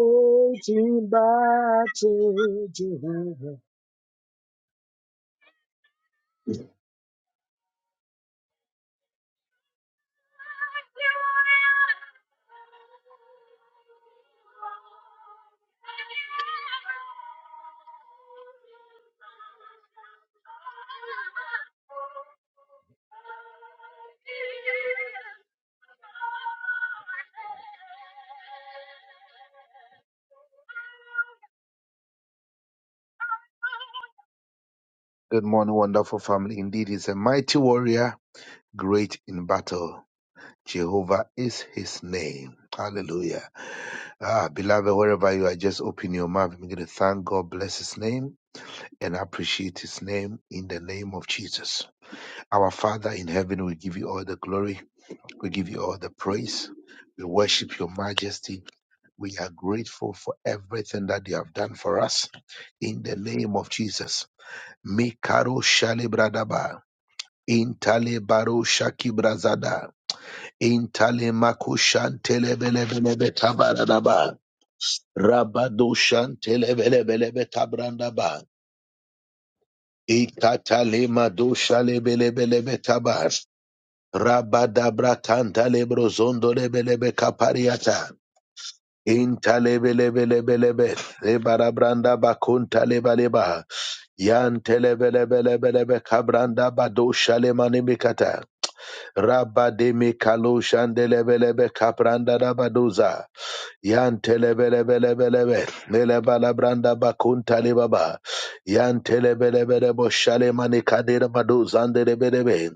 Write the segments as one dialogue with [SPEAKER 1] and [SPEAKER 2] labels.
[SPEAKER 1] fighting battle, Jehovah. Good morning, wonderful family. Indeed, he's a mighty warrior, great in battle. Jehovah is his name. Hallelujah. Ah, beloved, wherever you are, just open your mouth. I'm going to thank God, bless his name, and appreciate his name in the name of Jesus. Our Father in heaven, we give you all the glory. We give you all the praise. We worship your majesty. We are grateful for everything that you have done for us. In the name of Jesus. Mikaro Shalebradaba. Intale baro shaki brazada. Intale makushan telebelebelebe tabaradaba. Rabado shan telebelebelebe tabrandaba. Ikatale mado shalebelebelebe tabar. Rabadabra tantale brozondo lebelebe kapariata. Intalebelebelebelebe. Lebarabranda bakunta lebaleba. Yan telebelebelebelebe kabranda badosha lemani mikata. Rabba de mikalo shandelebelebe kabranda da badoza. Yan telebelebelebelebe. Lebalabranda bakunta lebaba. Yan telebelebelebo shalemani kadira badozandelebelebe.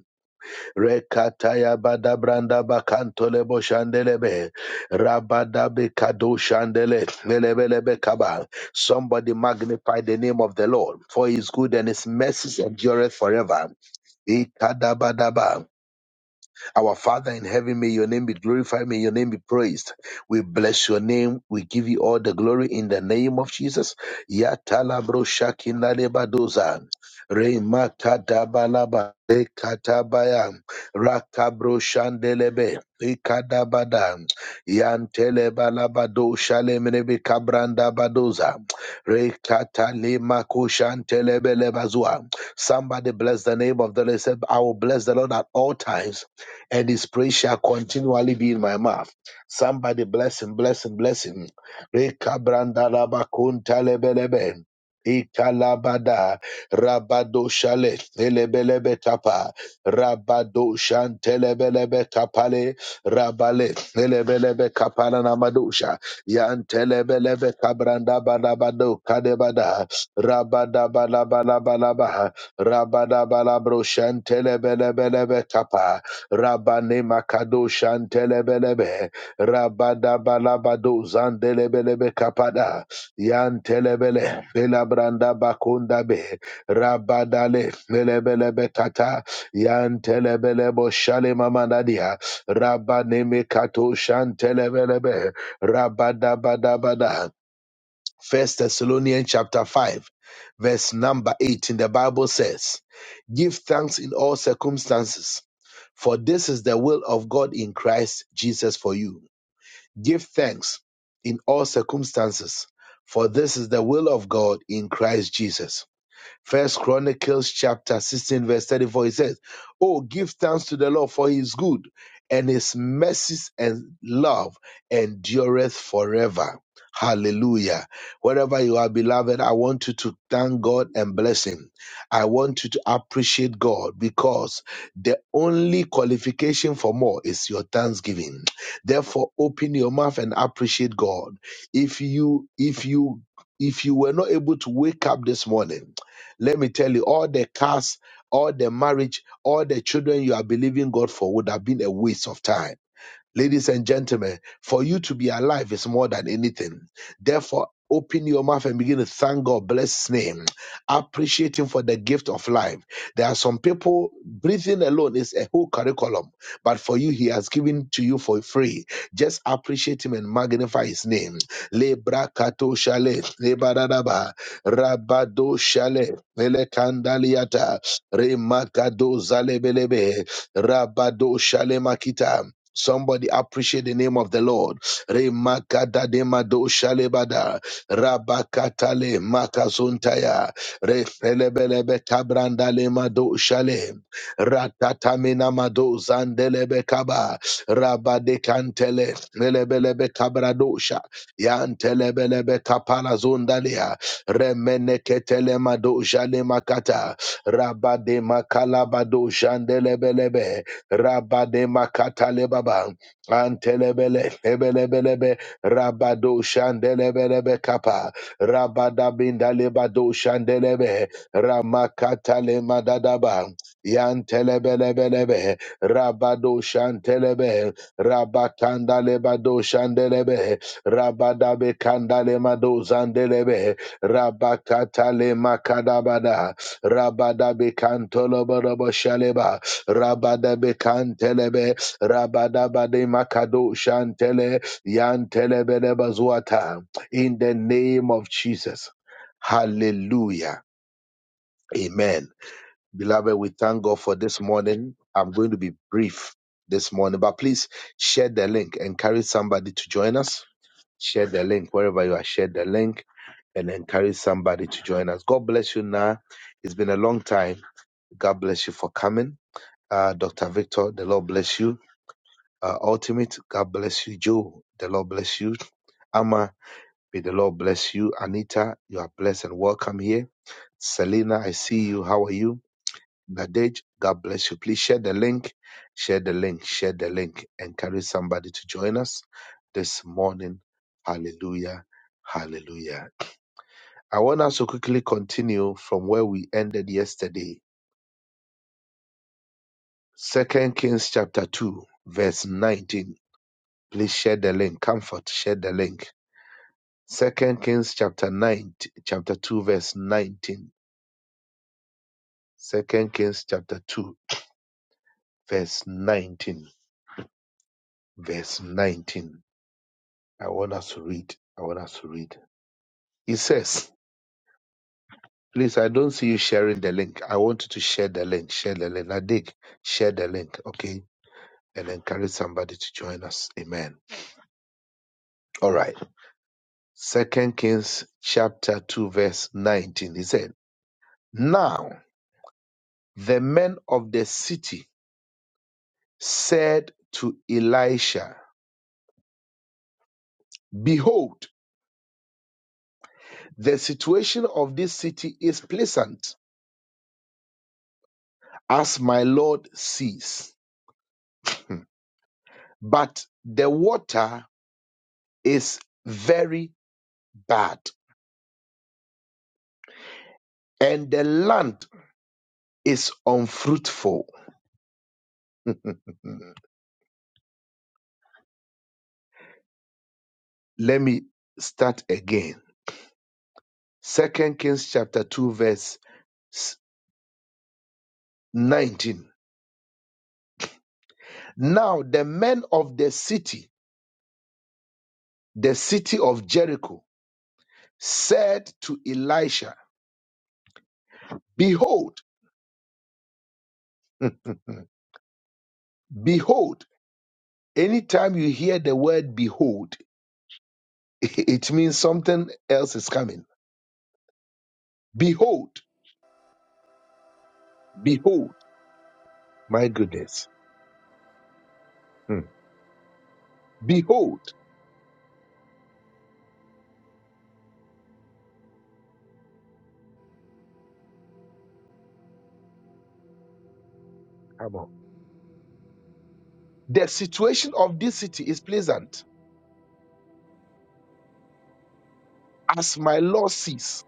[SPEAKER 1] Rekataya badabranda lebo boshandelebe. Rabadabe kado shandele. Melebelebe kaba. Somebody magnify the name of the Lord, for his good and his mercy endureth forever. Ikadabadaba. Our Father in heaven, may your name be glorified, may your name be praised. We bless your name, we give you all the glory in the name of Jesus. Yatala bro shakina leba doza. Remata dabalaba rekatabaya rakabro shandelebe ikadabada yantelebalabado shalemenebe kabranda badoza rekatalema koshantelebelebazua. Somebody bless the name of the Lord. Say, I will bless the Lord at all times and his praise shall continually be in my mouth. Somebody bless him, bless him, bless him. Rekabrandarabakun Ikalabada Rabado Shale Telebelebe Tapa Rabado Shantelebelebe Kapale Rabale Telebelebe Kapala Namadusha Yan Telebelebe Kabranda Badabado Kadebada Rabada Balabalabalaba Rabada Balabro Shantelebelebelebe Kapa Rabane Makado Shantelebelebe, Rabadabalabado Zandelebelebe Kapada, Yantelebele, Belabranda Bakundabe, Rabadale, Melebelebe Kata, Yantelebelebo Shalemamanadia, Rabane Mekato Shantelebelebe, Rabadabadabada. First Thessalonians chapter 5, verse number 18, the Bible says, Give thanks in all circumstances, for this is the will of God in Christ Jesus for you. Give thanks in all circumstances, for this is the will of God in Christ Jesus. First Chronicles chapter 16, verse 34, it says, Oh, give thanks to the Lord for his good, and his mercies and love endureth forever. Hallelujah. Wherever you are, beloved, I want you to thank God and bless Him. I want you to appreciate God because the only qualification for more is your thanksgiving. Therefore, open your mouth and appreciate God. If you, if you, if you were not able to wake up this morning, let me tell you, all the cars, all the marriage, all the children you are believing God for would have been a waste of time Ladies and gentlemen, for you to be alive is more than anything. Therefore, open your mouth and begin to thank God, bless His name, appreciate Him for the gift of life. There are some people, breathing alone is a whole curriculum, but for you, He has given to you for free. Just appreciate Him and magnify His name. Lebra kato shale, lebadadaba, rabado shale, melekandaliata, remakado zalebelebe, rabado shale makita. Somebody appreciate the name of the Lord. Remakada de mado shalebada. Rabakatale makazuntaya. Refelebelebe tabrandale mado shale. Ratatamina mado zandelebe kaba. Rabade kantele. Melebelebe kabradosha. Yantelebelebe kapala zundalia. Remeneketele mado jale makata. Rabade makalabado shandelebelebe. Rabadema katalebaba antelebele ebelebelebe rabado shandelebelebe kapa rabadabinda lebado shandelebe ramakatale madadaba yantelebelebelebe rabado shantelebe rabakanda lebado shandelebe rabadabe kandale mado zandelebe rabakatale makadabada rabadabe kantoloborobo shaleba Rabadabe Kantelebe, Rabadabade Makado Shantele, Yantelebele Bazuata. In the name of Jesus. Hallelujah. Amen. Beloved, we thank God for this morning. I'm going to be brief this morning, but please share the link. Encourage somebody to join us. Share the link wherever you are. Share the link and encourage somebody to join us. God bless you now. It's been a long time. God bless you for coming. Uh, Dr. Victor, the Lord bless you. uh, Ultimate. God bless you, Joe. The Lord bless you. Amma, may the Lord bless you. Anita, you are blessed and welcome here. Selena, I see you. How are you? Nadej, God bless you. Please share the link. Share the link. Share the link. Encourage somebody to join us this morning. Hallelujah. Hallelujah. I want us to quickly continue from where we ended yesterday. Second Kings chapter 2, verse 19. Please share the link. Comfort, share the link Second Kings chapter 9, chapter 2, verse 19. Second Kings chapter 2, verse 19. Verse 19. I want us to read. I want us to read. It says, Please, I don't see you sharing the link. I want you to share the link. Share the link. Nadik, share the link, okay? And encourage somebody to join us. Amen. All right. Second Kings chapter 2, verse 19. He said, Now the men of the city said to Elisha, Behold, the situation of this city is pleasant, as my Lord sees, but the water is very bad, and the land is unfruitful. Let me start again. Second Kings chapter 2, verse 19. Now the men of the city, the city of Jericho, said to Elisha, Behold, behold, Anytime you hear the word behold, it means something else is coming. Behold, behold, my goodness. Hmm. Behold, come on. The situation of this city is pleasant, as my Lord sees,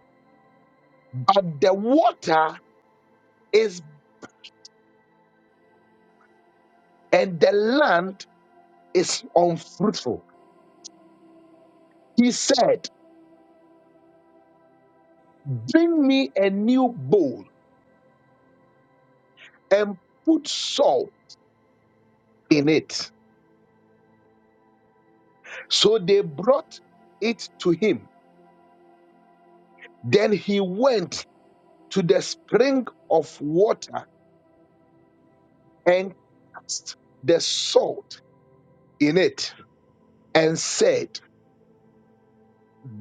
[SPEAKER 1] but the water is and the land is unfruitful. He said, Bring me a new bowl and put salt in it. So they brought it to him. Then he went to the spring of water and cast the salt in it and said,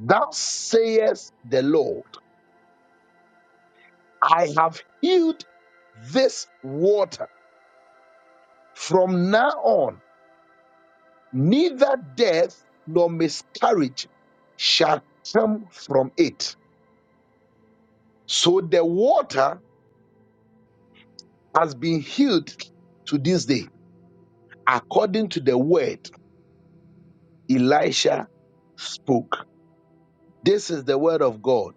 [SPEAKER 1] "Thus sayest the Lord, I have healed this water. From now on, neither death nor miscarriage shall come from it. So the water has been healed to this day, according to the word Elisha spoke. This is the word of God.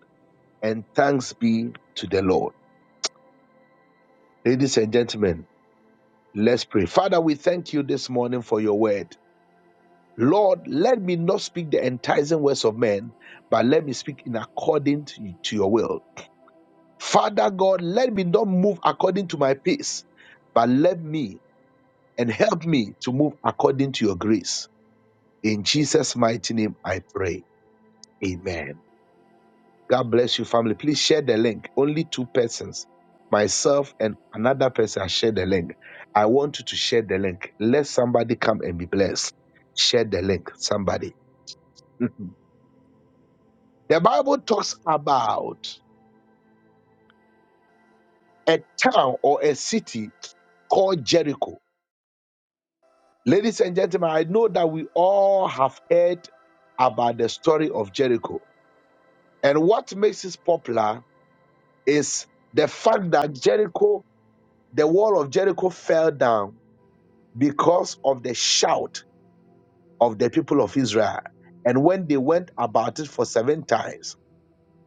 [SPEAKER 1] and thanks be to the Lord. Ladies and gentlemen, let's pray. Father, we thank you this morning for your word. Lord, let me not speak the enticing words of men, but let me speak in according to, to your will. Father God, let me not move according to my pace, but let me and help me to move according to your grace. In Jesus' mighty name, I pray. Amen. God bless you, family. Please share the link. Only two persons, myself and another person, has shared the link. I want you to share the link. Let somebody come and be blessed. Share the link, somebody. Mhm. the Bible talks about a town or a city called Jericho. Ladies and gentlemen, I know that we all have heard about the story of Jericho. And what makes it popular is the fact that Jericho, the wall of Jericho fell down because of the shout of the people of Israel. And when they went about it for seven times,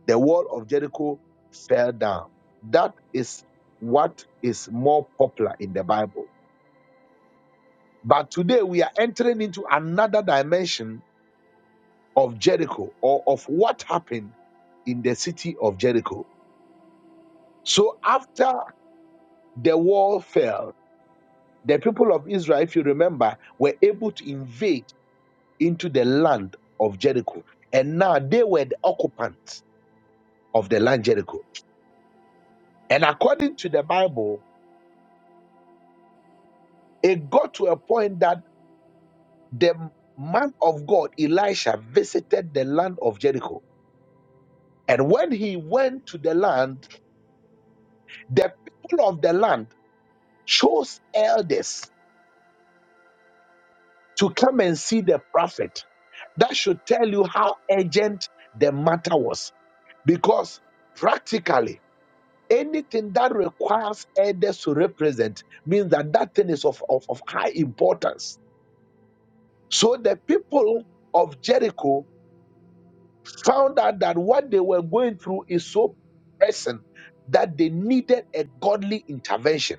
[SPEAKER 1] the wall of Jericho fell down. That is what is more popular in the Bible. But today we are entering into another dimension of Jericho or of what happened in the city of Jericho. So after the wall fell, the people of Israel, if you remember, were able to invade into the land of Jericho. And now they were the occupants of the land Jericho. And according to the Bible, it got to a point that the man of God, Elisha, visited the land of Jericho. And when he went to the land, the people of the land chose elders to come and see the prophet. That should tell you how urgent the matter was. Because practically, Anything that requires elders to represent means that that thing is of, of, of high importance. So the people of Jericho found out that what they were going through is so pressing that they needed a godly intervention.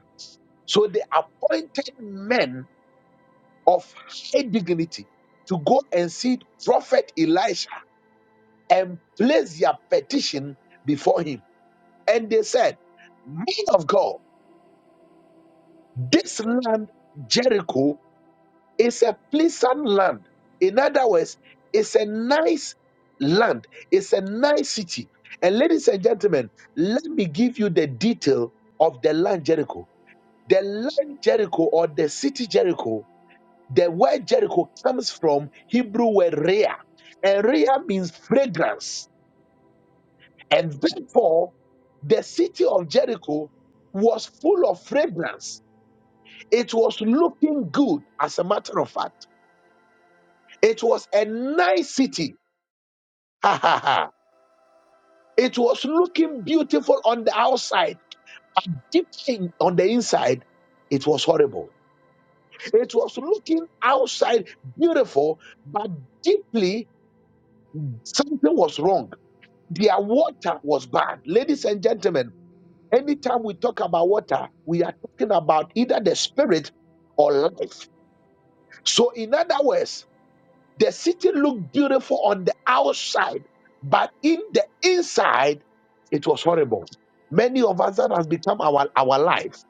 [SPEAKER 1] So they appointed men of high dignity to go and see Prophet Elisha and place their petition before him. And they said, Man of God, this land, Jericho, It's a pleasant land. In other words, it's a nice land. It's a nice city. And ladies and gentlemen, let me give you the detail of the land Jericho. The land Jericho or the city Jericho, the word Jericho comes from Hebrew word Rhea. And Rhea means fragrance. And therefore, the city of Jericho was full of fragrance. It was looking good, as a matter of fact. It was a nice city. Ha ha ha. It was looking beautiful on the outside, but deep in, on the inside, it was horrible. It was looking outside beautiful, but deeply something was wrong. Their water was bad. Ladies and gentlemen, anytime we talk about water, we are talking about either the spirit or life. So, in other words, The city looked beautiful on the outside, but in the inside, it was horrible. Many of us that has become our, our life.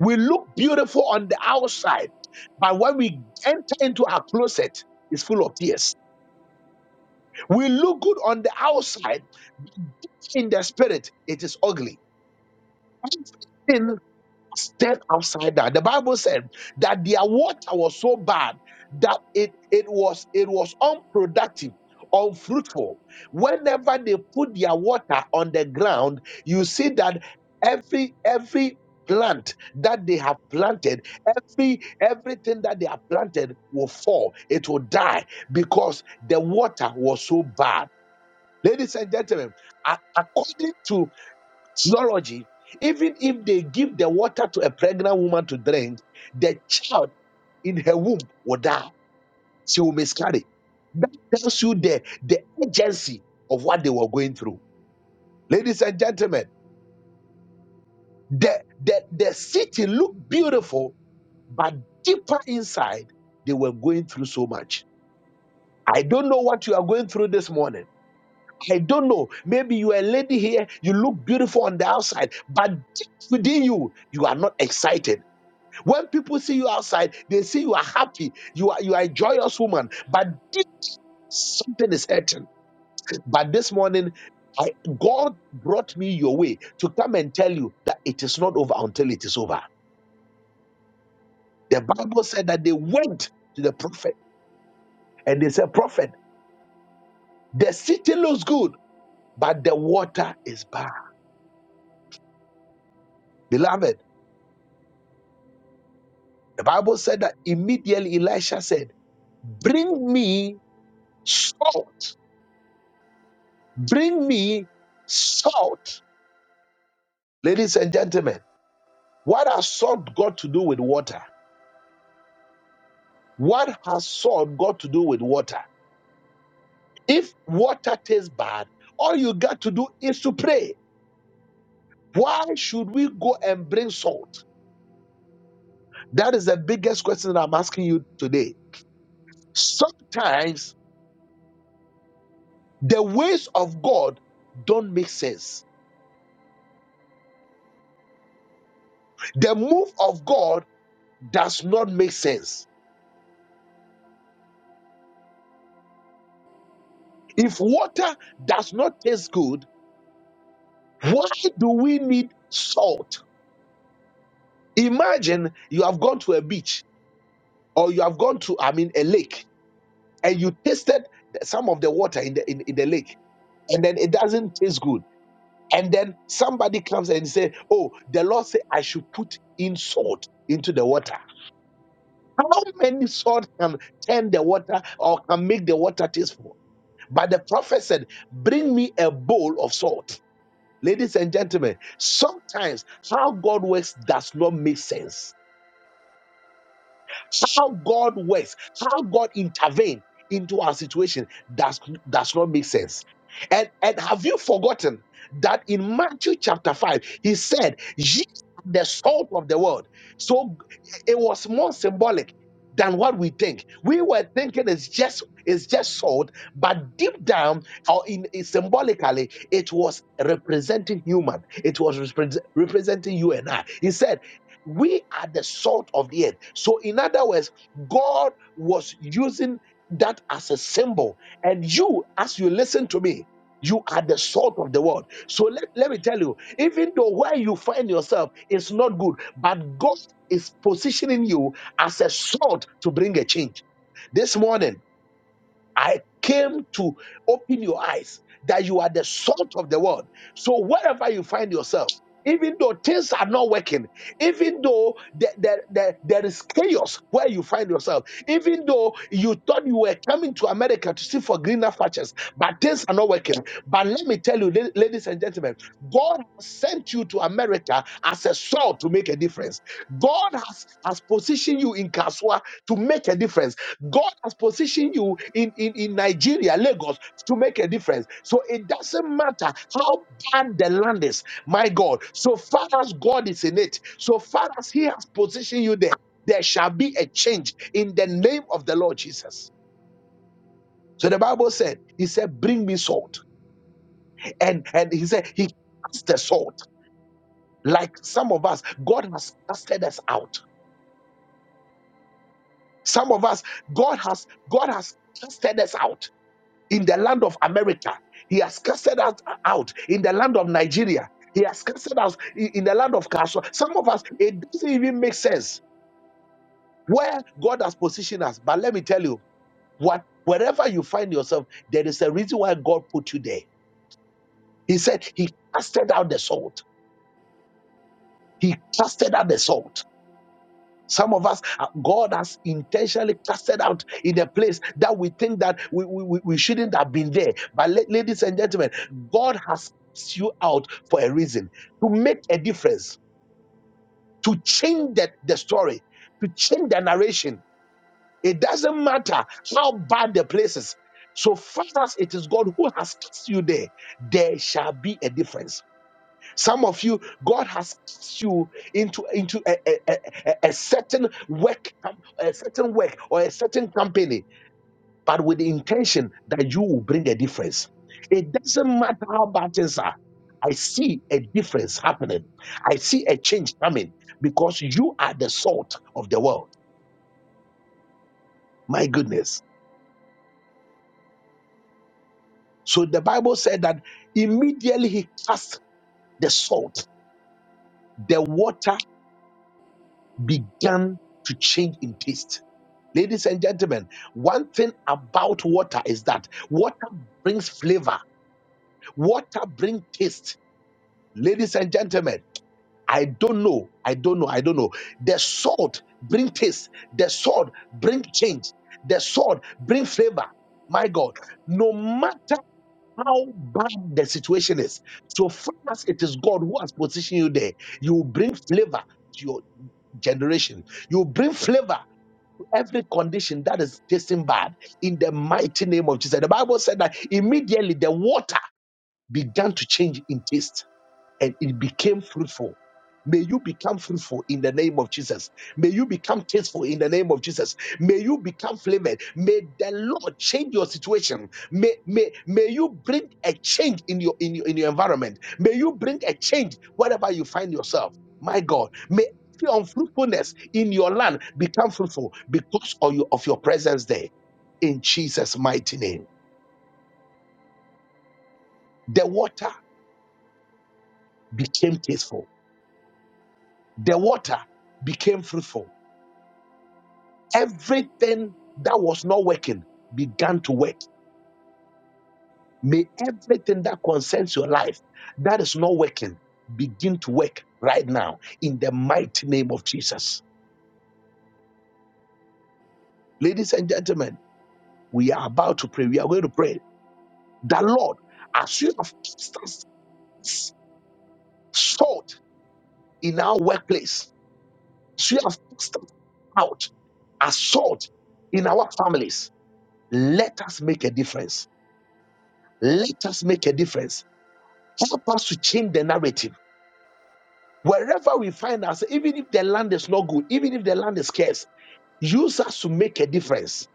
[SPEAKER 1] We look beautiful on the outside, but when we enter into our closet, it's full of tears. We look good on the outside, in the spirit, it is ugly Everything Stand outside that. The Bible said that their water was so bad that it, it was it was unproductive, unfruitful. Whenever they put their water on the ground, you see that every every plant that they have planted, every everything that they have planted will fall. It will die because the water was so bad. Ladies and gentlemen, a- according to zoology, even if they give the water to a pregnant woman to drink, the child in her womb will die. She will miscarry. That tells you the, the urgency of what they were going through. Ladies and gentlemen, the, the, the city looked beautiful, but deeper inside, they were going through so much. I don't know what you are going through this morning. I don't know. Maybe you are a lady here, you look beautiful on the outside, but deep within you, you are not excited When people see you outside, they see you are happy, you are you are a joyous woman, but deep, something is hurting. But this morning, I, God brought me your way to come and tell you that it is not over until it is over. The Bible said that they went to the prophet and they said, Prophet, the city looks good, but the water is bad. Beloved, the Bible said that immediately Elisha said, Bring me salt, bring me salt. Ladies and gentlemen, what has salt got to do with water? What has salt got to do with water? If water tastes bad, all you got to do is to pray. Why should we go and bring salt? That is the biggest question that I'm asking you today. Sometimes the ways of God don't make sense. The move of God does not make sense. If water does not taste good, why do we need salt? Imagine you have gone to a beach or you have gone to, I mean, a lake and you tasted some of the water in the, in, in the lake and then it doesn't taste good. And then somebody comes and say, Oh, the Lord said I should put in salt into the water. How many salt can turn the water or can make the water tasteful? But the prophet said, Bring me a bowl of salt. Ladies and gentlemen, sometimes how God works does not make sense How God works, how God intervenes into our situation does, does not make sense. And, and have you forgotten that in Matthew chapter 5, he said, Ye are the salt of the world. So it was more symbolic than what we think. We were thinking it's just it's just salt, but deep down or in, in symbolically, it was representing human. It was repre- representing you and I. He said. We are the salt of the earth. So, in other words, God was using that as a symbol. And you, as you listen to me, you are the salt of the world. So let, let me tell you, even though where you find yourself is not good, but God is positioning you as a salt to bring a change. This morning, I came to open your eyes that you are the salt of the world. So wherever you find yourself, even though things are not working, even though there, there, there, there is chaos where you find yourself, even though you thought you were coming to America to see for greener pastures, but things are not working. But let me tell you, la- ladies and gentlemen, God has sent you to America as a salt to make a difference. God has, has positioned you in Kaswa to make a difference. God has positioned you in, in, in Nigeria, Lagos, to make a difference. So it doesn't matter how bad the land is, my God. So far as God is in it, so far as He has positioned you there, there shall be a change in the name of the Lord Jesus. So the Bible said, He said, Bring me salt. And, and He said, He cast the salt. like some of us god has casted us out some of us god has god has casted us out in the land of america he has casted us out in the land of nigeria he has casted us in in the land of Kasho. Some of us, it doesn't even make sense where God has positioned us. But let me tell you, what wherever you find yourself, there is a reason why God put you there. He said He casted out the salt. He casted out the salt. Some of us, uh, God has intentionally casted out in a place that we think that we, we, we we shouldn't have been there. But la- ladies and gentlemen, God has cast you out for a reason to make a difference, to change the, the story, to change the narration. It doesn't matter how bad the place is. So far as it is God who has cast you there, there shall be a difference some of you, God has cast you into into a, a, a, a- a certain work, com- a certain work or a certain company, but with the intention that you will bring a difference. It doesn't matter how bad things are. I see a difference happening. I see a change coming because you are the salt of the world. My goodness. So the Bible said that immediately he cast the salt, the water began to change in taste. Ladies and gentlemen, one thing about water is that water brings flavor, water brings taste. Ladies and gentlemen, I don't know. I don't know. I don't know. The salt bring taste. The salt bring change. The salt bring flavor. My God, no matter how bad the situation is. So far as it is God who has positioned you there, you will bring flavor to your generation. You will bring flavor to every condition that is tasting bad in the mighty name of Jesus. The Bible said that immediately the water began to change in taste and it became fruitful. May you become fruitful in the name of Jesus. May you become tasteful in the name of Jesus. May you become flavored. May the Lord change your situation. May, may, may you bring a change in your, in your in your environment. May you bring a change wherever you find yourself. My God, may every unfruitfulness in your land become fruitful because of your, of your presence there. In Jesus' mighty name, the water became tasteful. The water became fruitful everything that was not working began to work. May everything that concerns your life that is not working begin to work right now in the mighty name of Jesus. Ladies and gentlemen, we are about to pray. We are going to pray that Lord, as you have cast us salt in our workplace, as you have cast us out as salt in our families, let us make a difference. Let us make a difference. Help us to change the narrative. Wherever we find ourselves, even if the land is not good, even if the land is scarce, use us to make a difference.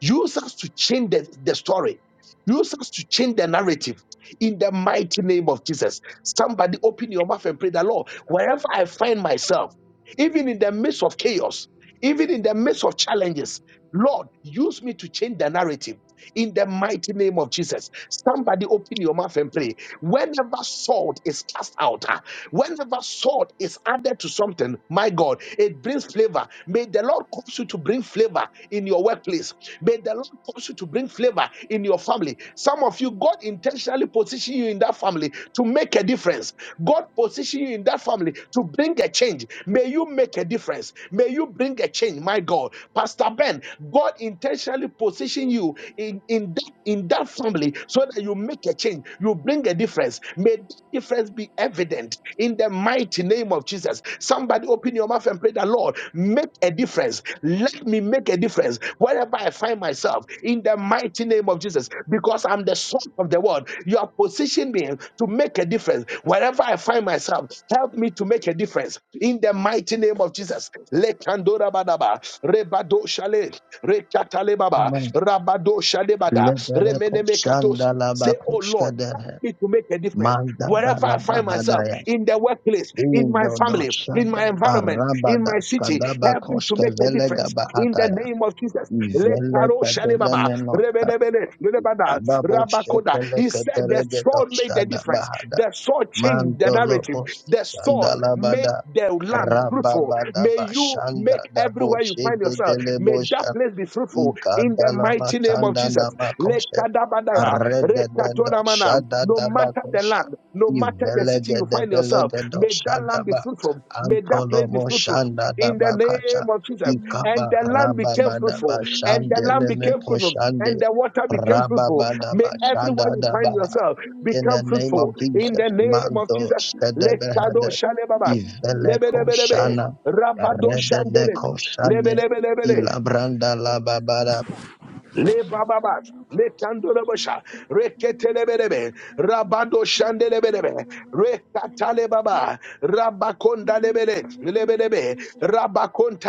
[SPEAKER 1] Use us to change the, the story. Use us to change the narrative in the mighty name of Jesus. Somebody open your mouth and pray the Lord. Wherever I find myself, even in the midst of chaos, even in the midst of challenges. Lord, use me to change the narrative in the mighty name of Jesus. Somebody open your mouth and pray. Whenever salt is cast out, ah, whenever salt is added to something, my God, it brings flavor. May the Lord cause you to bring flavor in your workplace. May the Lord cause you to bring flavor in your family. Some of you, God intentionally positioned you you in that family to make a difference. God position you in that family to bring a change. May you make a difference. May you bring a change, my God. Pastor Ben, God intentionally position you in, in, that, in that family so that you make a change. You bring a difference. May that difference be evident in the mighty name of Jesus. Somebody open your mouth and pray that Lord, make a difference. Let me make a difference. Where wherever I find myself, in the mighty name of Jesus, because I'm the son of the world. You have positioned me to make a difference. Wherever I find myself, help me to make a difference. In the mighty name of Jesus. Lekandora badaba, rebado shale, rekatale baba,
[SPEAKER 2] Amen.
[SPEAKER 1] rabado shale bada,
[SPEAKER 2] Lebere
[SPEAKER 1] remene mekatos.
[SPEAKER 2] koshanda laba
[SPEAKER 1] Say, oh Lord
[SPEAKER 2] koshkadehe.
[SPEAKER 1] me to make a difference
[SPEAKER 2] Manda
[SPEAKER 1] wherever I
[SPEAKER 2] balaba
[SPEAKER 1] find myself
[SPEAKER 2] hadaya.
[SPEAKER 1] in the workplace, in my
[SPEAKER 2] Indo do
[SPEAKER 1] family, in
[SPEAKER 2] shanda
[SPEAKER 1] my environment,
[SPEAKER 2] baraba
[SPEAKER 1] in my
[SPEAKER 2] das
[SPEAKER 1] city.
[SPEAKER 2] kadaba
[SPEAKER 1] Help me to
[SPEAKER 2] koshke
[SPEAKER 1] make a
[SPEAKER 2] velega
[SPEAKER 1] difference in the
[SPEAKER 2] bahataya.
[SPEAKER 1] name of Jesus. Let
[SPEAKER 2] Ivele
[SPEAKER 1] Karo
[SPEAKER 2] pedele
[SPEAKER 1] Shalibaba,
[SPEAKER 2] menocha.
[SPEAKER 1] Rebelebele, Rebada,
[SPEAKER 2] Adabo
[SPEAKER 1] Rabakoda.
[SPEAKER 2] shepele
[SPEAKER 1] He said
[SPEAKER 2] kedere
[SPEAKER 1] the
[SPEAKER 2] de do
[SPEAKER 1] sword made the
[SPEAKER 2] shada
[SPEAKER 1] difference.
[SPEAKER 2] bahada.
[SPEAKER 1] The sword changed the
[SPEAKER 2] Mando
[SPEAKER 1] narrative.
[SPEAKER 2] lobo
[SPEAKER 1] The
[SPEAKER 2] shanda
[SPEAKER 1] sword made
[SPEAKER 2] labada.
[SPEAKER 1] the land fruitful.
[SPEAKER 2] Rababa
[SPEAKER 1] May
[SPEAKER 2] daba
[SPEAKER 1] you
[SPEAKER 2] shanda
[SPEAKER 1] make
[SPEAKER 2] dabo
[SPEAKER 1] everywhere you find
[SPEAKER 2] shege
[SPEAKER 1] yourself. May that place be fruitful in the
[SPEAKER 2] Ikandala
[SPEAKER 1] mighty name of
[SPEAKER 2] matanda
[SPEAKER 1] Jesus yourself.
[SPEAKER 2] namakoshe.
[SPEAKER 1] Lekadabadaya,
[SPEAKER 2] Arredededo
[SPEAKER 1] rekatoramana. No matter the
[SPEAKER 2] shadadabakosha.
[SPEAKER 1] land, no matter the city you find yourself,
[SPEAKER 2] Ivelegedebelegendo
[SPEAKER 1] may that land be
[SPEAKER 2] shadaba.
[SPEAKER 1] fruitful. May that place be
[SPEAKER 2] Antolomo
[SPEAKER 1] fruitful. In the
[SPEAKER 3] However,
[SPEAKER 2] shandadabakasha.
[SPEAKER 1] name of Jesus.
[SPEAKER 3] the Lord
[SPEAKER 1] And
[SPEAKER 2] Ikaba
[SPEAKER 1] the land became
[SPEAKER 3] in the
[SPEAKER 2] rababadaba
[SPEAKER 3] mighty
[SPEAKER 1] fruitful.
[SPEAKER 3] name of
[SPEAKER 1] And the land
[SPEAKER 3] Jesus,
[SPEAKER 2] shandeleme
[SPEAKER 1] became
[SPEAKER 3] our
[SPEAKER 1] fruitful.
[SPEAKER 3] Savior,
[SPEAKER 2] koshande.
[SPEAKER 1] And the water
[SPEAKER 3] in
[SPEAKER 1] became fruitful.
[SPEAKER 3] the
[SPEAKER 1] May
[SPEAKER 2] Rababadaba
[SPEAKER 3] mighty name of
[SPEAKER 1] everywhere you
[SPEAKER 3] Jesus,
[SPEAKER 1] find
[SPEAKER 2] shadadaba
[SPEAKER 3] we
[SPEAKER 1] yourself
[SPEAKER 3] pray
[SPEAKER 2] in
[SPEAKER 3] for
[SPEAKER 1] become
[SPEAKER 2] the
[SPEAKER 3] help,
[SPEAKER 2] name
[SPEAKER 3] we
[SPEAKER 1] fruitful.
[SPEAKER 2] of
[SPEAKER 3] pray for
[SPEAKER 1] In
[SPEAKER 2] Jesus.
[SPEAKER 1] the
[SPEAKER 3] help, we pray
[SPEAKER 1] name of
[SPEAKER 2] Mando
[SPEAKER 1] Jesus.
[SPEAKER 3] for
[SPEAKER 1] Lekado
[SPEAKER 3] Lord,
[SPEAKER 2] Shadebehede
[SPEAKER 3] we pray
[SPEAKER 1] shalebaba.
[SPEAKER 3] for Lord,
[SPEAKER 2] Iveleko
[SPEAKER 3] we
[SPEAKER 1] Lebelebelebe.
[SPEAKER 2] Shana
[SPEAKER 1] Rabado
[SPEAKER 3] pray for
[SPEAKER 1] shandele.
[SPEAKER 2] Rededeko
[SPEAKER 3] Lord, in the
[SPEAKER 2] Shane
[SPEAKER 3] mighty name of
[SPEAKER 1] Lebelebelebele.
[SPEAKER 3] Jesus,
[SPEAKER 2] Ilabranda Lababara
[SPEAKER 1] Le bababat, le
[SPEAKER 3] our
[SPEAKER 1] tandorabasha,
[SPEAKER 3] Father, we pray for
[SPEAKER 1] reketelebelebe,
[SPEAKER 3] Lord,
[SPEAKER 1] rabando
[SPEAKER 3] we pray for
[SPEAKER 1] shandelebelebe, rekatalebaba,
[SPEAKER 3] in the mighty
[SPEAKER 1] rabakondalebele,
[SPEAKER 3] name of
[SPEAKER 1] lebelebe,
[SPEAKER 3] Jesus, we Lord, we pray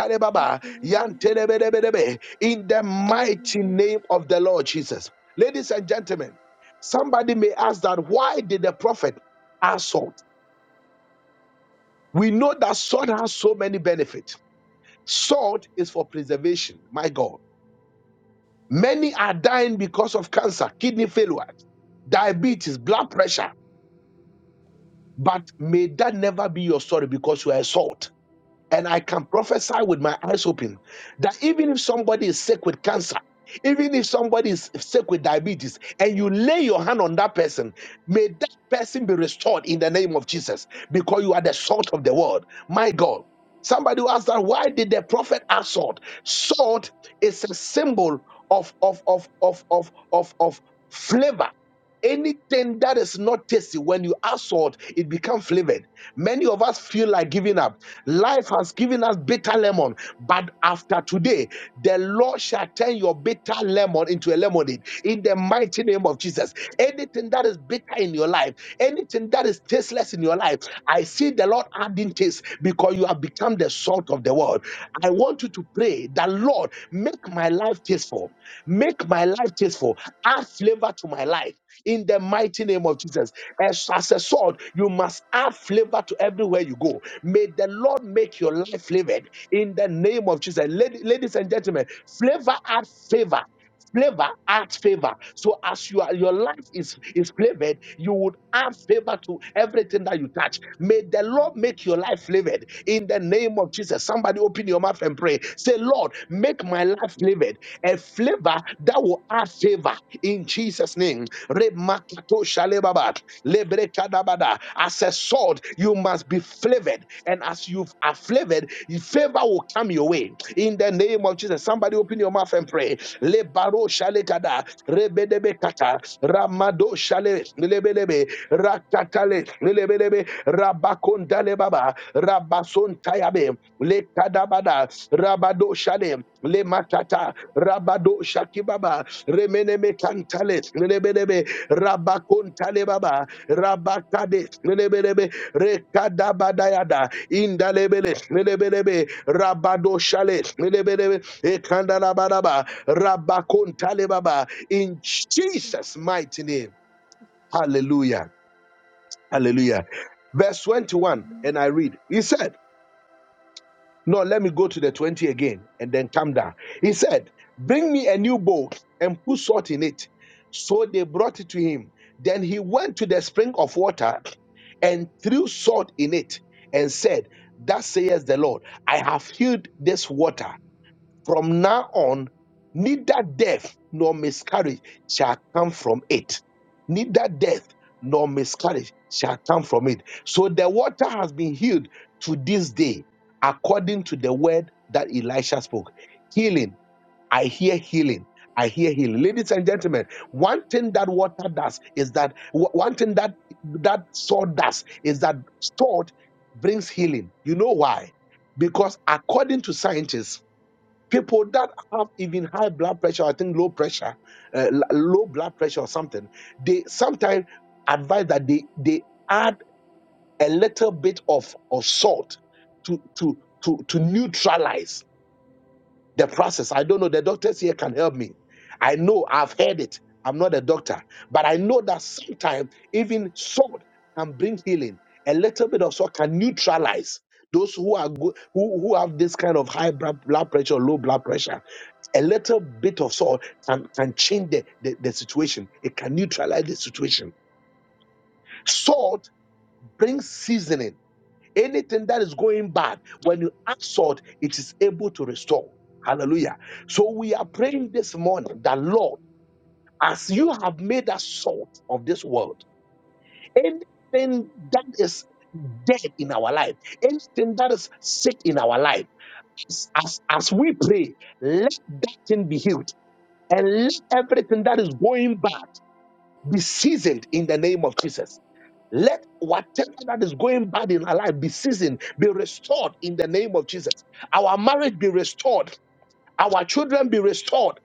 [SPEAKER 3] for
[SPEAKER 1] yantelebelebelebe, In the
[SPEAKER 3] Lord,
[SPEAKER 1] mighty
[SPEAKER 3] we pray
[SPEAKER 1] name of the Lord Jesus. Ladies and gentlemen, somebody may ask that why did the prophet add salt? We know that salt has so many benefits. Salt is for preservation, my God. Many are dying because of cancer, kidney failure, diabetes, blood pressure. But may that never be your story because you are a salt. And I can prophesy with my eyes open that even if somebody is sick with cancer, even if somebody is sick with diabetes, and you lay your hand on that person, may that person be restored in the name of Jesus because you are the salt of the world. My God. Somebody who asked that, why did the prophet add salt? Salt is a symbol of, of, of, of, of, of, of flavor. Anything that is not tasty, when you add salt, it becomes flavored. Many of us feel like giving up. Life has given us bitter lemon, but after today, the Lord shall turn your bitter lemon into a lemonade in the mighty name of Jesus. Anything that is bitter in your life, anything that is tasteless in your life, I see the Lord adding taste because you have become the salt of the world. I want you to pray that, Lord, make my life tasteful, make my life tasteful, add flavor to my life in the mighty name of Jesus. As, as a sword, you must add flavor to everywhere you go. May the Lord make your life flavored in the name of Jesus. Lady- ladies and gentlemen, flavor add favor. Flavor adds favor. So as you are, your life is, is flavored, you would add favor to everything that you touch. May the Lord make your life flavored in the name of Jesus. Somebody open your mouth and pray. Say, Lord, make my life flavored, a flavor that will add favor in Jesus' name. Remakato shalebabat, lebrekadabada. As a sword, you must be flavored, and as you are flavored, favor will come your way in the name of Jesus. Somebody open your mouth and pray. Lebaro shalekada, rebedebekata, ramado shale, lebelebe, rakatale, lebelebe, rabakondale Rabasontayabe, Le Kadabada, Rabado Shade, Le Matata, Rabado Shakibaba, Remeneme Cantales, Lebedebe, Rabacontalebaba, Rabacades, Lebedebe, Rekadabadayada, Indalebeles, Lebedebe, Rabado Shales, Lebedebe, Ekandalabadaba, Rabacontalebaba, in Jesus' mighty name. Hallelujah. Hallelujah. Verse 21, and I read, He said, no, let me go to the 20 again and then come down. He said, Bring me a new bowl and put salt in it. So they brought it to him. Then he went to the spring of water and threw salt in it and said, Thus says the Lord, I have healed this water. From now on, neither death nor miscarriage shall come from it. Neither death nor miscarriage shall come from it. So the water has been healed to this day, according to the word that Elisha spoke. Healing I hear healing. I hear healing. Ladies and gentlemen, one thing that water does is that w- one thing that that salt does is that salt brings healing. You know why? Because according to scientists, people that have even high blood pressure, I think low pressure, uh, l- low blood pressure or something, they sometimes advise that they they add a little bit of, of salt to to to to neutralize the process. I don't know. The doctors here can help me. I know I've heard it. I'm not a doctor, but I know that sometimes even salt can bring healing. A little bit of salt can neutralize those who are go- who who have this kind of high blood blood pressure, low blood pressure. A little bit of salt can, can change the, the, the situation. It can neutralize the situation. Salt brings seasoning Anything that is going bad, when you ask salt, it is able to restore. Hallelujah. So we are praying this morning that Lord, as you have made us salt of this world, anything that is dead in our life, anything that is sick in our life, as, as, as we pray, let that thing be healed and let everything that is going bad be seasoned in the name of Jesus. Let whatever that is going bad in our life be seasoned, be restored in the name of Jesus. Our marriage be restored our children be restored.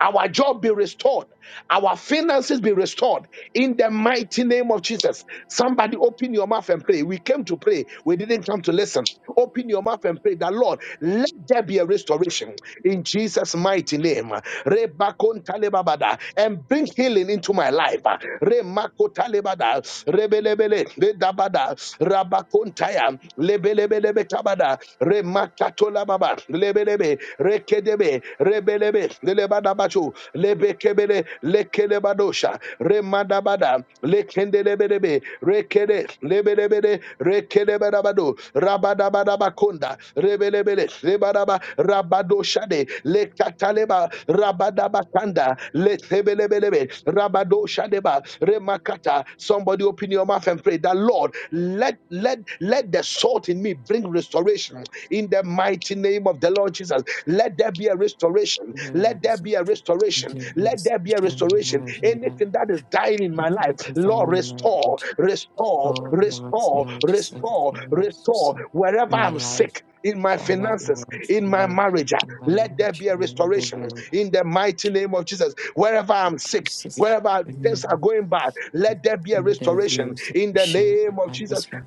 [SPEAKER 1] Our job be restored. Our finances be restored in the mighty name of Jesus. Somebody open your mouth and pray. We came to pray. We didn't come to listen. Open your mouth and pray that Lord, let there be a restoration in Jesus' mighty name. Rebakontalebabada. And bring healing into my life. Remakotalebada. Rebelebele. Redabada. Rabakontaya. Lebelebelebe kabada. Remakatola Baba, Lebelebe, Rekedebe, Rebelebe, Lebadabacho, Lebekebele, lekele badosha Lekelebadosha, bada Lekendelebelebe, Rekede, Lebelebele, rekede badabado Rekelebadabado, Rabadabadabakonda, Rebelebele, Rebadaba, Rabadoshade, Lekataleba, Rabadabakanda, Letebelebelebe, Rabadoshadeba, Remakata. Somebody open your your mouth and pray that Lord, let let let the salt in me bring restoration in the mighty name of the Lord Jesus. Let there be a restoration. Let
[SPEAKER 4] language.
[SPEAKER 1] there be a restoration. Let there be a restoration. Anything that is dying in my life, Lord, restore, restore,
[SPEAKER 4] So the
[SPEAKER 1] restore,
[SPEAKER 4] language saved
[SPEAKER 1] restore, restore. Wherever
[SPEAKER 4] my
[SPEAKER 1] I'm
[SPEAKER 4] life,
[SPEAKER 1] sick in my
[SPEAKER 4] Father, in my
[SPEAKER 1] finances, in my
[SPEAKER 4] family,
[SPEAKER 1] marriage. ah,
[SPEAKER 4] in my
[SPEAKER 1] Let there
[SPEAKER 4] marriage,
[SPEAKER 1] be a
[SPEAKER 4] in the
[SPEAKER 1] restoration
[SPEAKER 4] will
[SPEAKER 1] in the mighty name of Jesus. Wherever
[SPEAKER 4] of
[SPEAKER 1] I'm sick,
[SPEAKER 4] Jesus.
[SPEAKER 1] wherever things are
[SPEAKER 4] Amen.
[SPEAKER 1] going bad, let there be a
[SPEAKER 4] Let there be a
[SPEAKER 1] restoration in the
[SPEAKER 4] restoration in
[SPEAKER 1] name of
[SPEAKER 4] my
[SPEAKER 1] Jesus.
[SPEAKER 4] husband.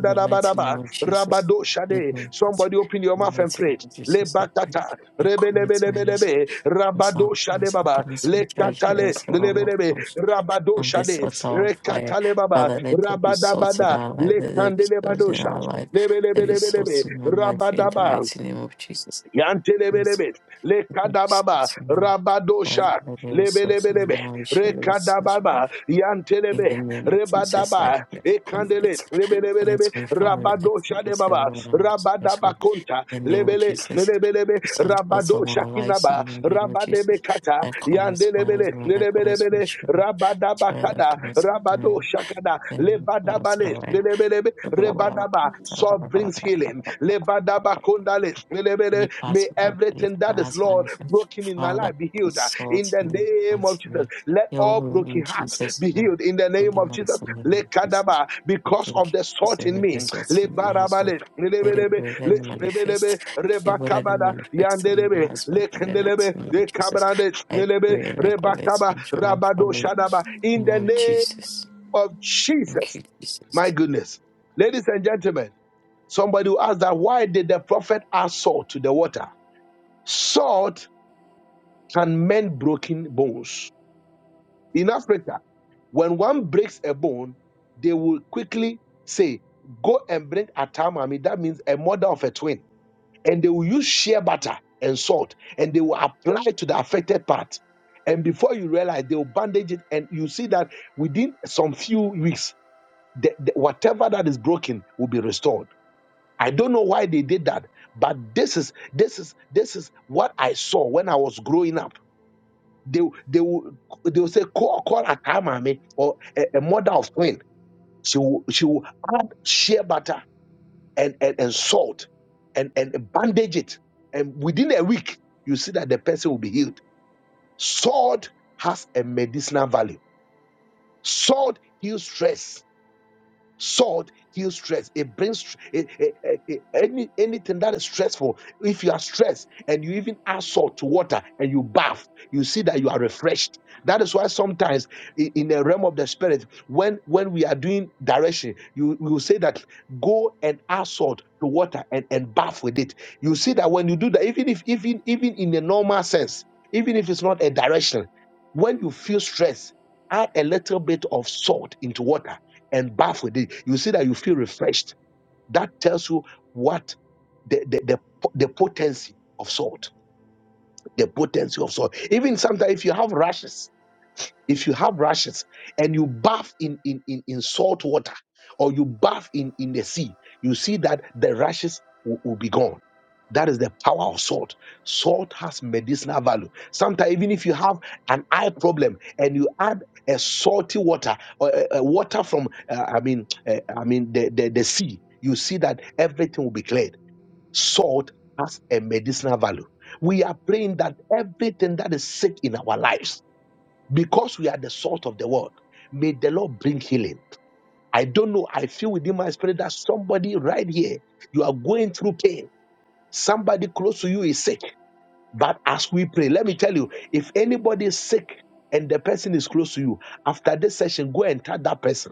[SPEAKER 4] In the
[SPEAKER 1] raba
[SPEAKER 4] mighty name of Jesus.
[SPEAKER 1] rabado
[SPEAKER 4] Let
[SPEAKER 1] shade.
[SPEAKER 4] me in
[SPEAKER 1] Somebody open your
[SPEAKER 4] the
[SPEAKER 1] mouth and
[SPEAKER 4] mighty name
[SPEAKER 1] pray.
[SPEAKER 4] of Jesus. I pray.
[SPEAKER 1] Lebakata,
[SPEAKER 4] I commit my husband.
[SPEAKER 1] rebelebelebelebe, rabado
[SPEAKER 4] So,
[SPEAKER 1] shade baba,
[SPEAKER 4] in charge
[SPEAKER 1] lekatale,
[SPEAKER 4] layers of
[SPEAKER 1] lebelebe, rabado
[SPEAKER 4] and this
[SPEAKER 1] shade,
[SPEAKER 4] sort of fire.
[SPEAKER 1] rekatale baba,
[SPEAKER 4] Father, let there be souls in
[SPEAKER 1] rabadabada,
[SPEAKER 4] our life, let there be
[SPEAKER 1] lekandele
[SPEAKER 4] souls in our
[SPEAKER 1] badosha.
[SPEAKER 4] life, let there be
[SPEAKER 1] Lebelebelebelebe,
[SPEAKER 4] souls in our life in the
[SPEAKER 1] Rabadaba,
[SPEAKER 4] mighty name of Jesus. Let
[SPEAKER 1] Yantelebelebe,
[SPEAKER 4] there be
[SPEAKER 1] Lekadababa,
[SPEAKER 4] salt in our Father,
[SPEAKER 1] Rabadosha,
[SPEAKER 4] let there be souls in our
[SPEAKER 1] Lebelebelebe,
[SPEAKER 4] marriage, let there be souls in our
[SPEAKER 1] Rekadababa,
[SPEAKER 4] in
[SPEAKER 1] Yantelebe,
[SPEAKER 4] the name of Jesus, I
[SPEAKER 1] Rebadaba,
[SPEAKER 4] pray. I
[SPEAKER 1] Ekandele,
[SPEAKER 4] connect,
[SPEAKER 1] Lebelebelebe,
[SPEAKER 4] connect my family. I
[SPEAKER 1] Rabadosha de
[SPEAKER 4] connect
[SPEAKER 1] Baba,
[SPEAKER 4] everyone on this platform.
[SPEAKER 1] Rabadaba Conta,
[SPEAKER 4] In the name of
[SPEAKER 1] Lebele,
[SPEAKER 4] Jesus.
[SPEAKER 1] Lebelebe,
[SPEAKER 4] Send us all
[SPEAKER 1] Rabadosha
[SPEAKER 4] our lives
[SPEAKER 1] Kinaba,
[SPEAKER 4] in the name of Jesus.
[SPEAKER 1] Rabadebe Kata,
[SPEAKER 4] I connect my
[SPEAKER 1] Yandelebele,
[SPEAKER 4] husband, I connect my
[SPEAKER 1] Lebelebele,
[SPEAKER 4] children,
[SPEAKER 1] Rabadaba
[SPEAKER 4] child, I
[SPEAKER 1] Kada,
[SPEAKER 4] connect my
[SPEAKER 1] Rabadosha Kada, Levadabale, Lebelebe, Labadaba, Salt brings healing.
[SPEAKER 4] them.
[SPEAKER 1] Lebadaba
[SPEAKER 4] Any
[SPEAKER 1] lebede.
[SPEAKER 4] part
[SPEAKER 1] May
[SPEAKER 4] of my body
[SPEAKER 1] everything
[SPEAKER 4] that
[SPEAKER 1] that
[SPEAKER 4] my
[SPEAKER 1] is,
[SPEAKER 4] husband
[SPEAKER 1] Lord,
[SPEAKER 4] is in.
[SPEAKER 1] broken in my
[SPEAKER 4] Father,
[SPEAKER 1] life be
[SPEAKER 4] put
[SPEAKER 1] healed uh, in
[SPEAKER 4] salt
[SPEAKER 1] the
[SPEAKER 4] in the
[SPEAKER 1] name of
[SPEAKER 4] mighty name.
[SPEAKER 1] Jesus. Let
[SPEAKER 4] Heal
[SPEAKER 1] all
[SPEAKER 4] him
[SPEAKER 1] broken
[SPEAKER 4] in
[SPEAKER 1] hearts
[SPEAKER 4] Jesus'
[SPEAKER 1] be
[SPEAKER 4] name.
[SPEAKER 1] healed in the
[SPEAKER 4] In
[SPEAKER 1] name
[SPEAKER 4] the
[SPEAKER 1] of Jesus.
[SPEAKER 4] mighty name of Jesus.
[SPEAKER 1] Lekadaba,
[SPEAKER 4] I
[SPEAKER 1] Because of
[SPEAKER 4] thank
[SPEAKER 1] the
[SPEAKER 4] you.
[SPEAKER 1] salt in
[SPEAKER 4] for the
[SPEAKER 1] me.
[SPEAKER 4] salt in my husband.
[SPEAKER 1] Lebarabale,
[SPEAKER 4] Let it
[SPEAKER 1] lebedebe,
[SPEAKER 4] be, let it
[SPEAKER 1] le- lebedebe,
[SPEAKER 4] manifest. Let it, be, let it
[SPEAKER 1] rebakabada,
[SPEAKER 4] manifest on my
[SPEAKER 1] yandelebe,
[SPEAKER 4] husband in the mighty
[SPEAKER 1] lekendelebe,
[SPEAKER 4] name of Jesus.
[SPEAKER 1] lekabrade,
[SPEAKER 4] I
[SPEAKER 1] lelebe,
[SPEAKER 4] pray and I call it
[SPEAKER 1] rebakaba,
[SPEAKER 4] from my
[SPEAKER 1] rabado
[SPEAKER 4] family.
[SPEAKER 1] shadaba.
[SPEAKER 4] In
[SPEAKER 1] In
[SPEAKER 4] the
[SPEAKER 1] the
[SPEAKER 4] name of
[SPEAKER 1] name
[SPEAKER 4] Jesus.
[SPEAKER 1] of
[SPEAKER 4] Thank
[SPEAKER 1] Jesus,
[SPEAKER 4] you, Jesus.
[SPEAKER 1] my goodness. Ladies and gentlemen. Somebody will ask that why did the prophet add salt to the water? Salt can mend broken bones. In Africa, when one breaks a bone, they will quickly say, Go and bring atamami. That means a mother of a twin. And they will use shea butter and salt and they will apply to the affected part. And before you realize, they will bandage it, and you see that within some few weeks, the, the- whatever that is broken will be restored. I don't know why they did that, but this is this is this is what I saw when I was growing up. They they will they will say call call a kamame or a, a mother of twin. She will she will add shea butter and, and, and salt and, and bandage it. And within a week, you see that the person will be healed. Salt has a medicinal value. Salt heals stress. Salt heals stress. It brings it- it- it- it- any anything that is stressful. If you are stressed and you even add salt to water and you bath, you see that you are refreshed. That is why sometimes i- in the realm of the spirit, when when we are doing direction, you you will say that go and add salt to water and and bath with it. You see that when you do that, even if even even in a normal sense, even if it's not a direction, when you feel stress, add a little bit of salt into water and bath with it, you see that you feel refreshed. That tells you what the, the, the, the potency of salt, the potency of salt. Even sometimes if you have rashes, if you have rashes and you bath in in in, in salt water or you bath in in the sea you see that the rashes will, will be gone that is the power of salt salt has medicinal value sometimes even if you have an eye problem and you add a salty water or a, a water from uh, i mean uh, i mean the, the the sea you see that everything will be cleared salt has a medicinal value we are praying that everything that is sick in our lives because we are the salt of the world. May the Lord bring healing. I don't know. I feel within my spirit that somebody right here, you are going through pain. Somebody close to you is sick. But as we pray, let me tell you, if anybody is sick and the person is close to you, after this session, go and touch that person.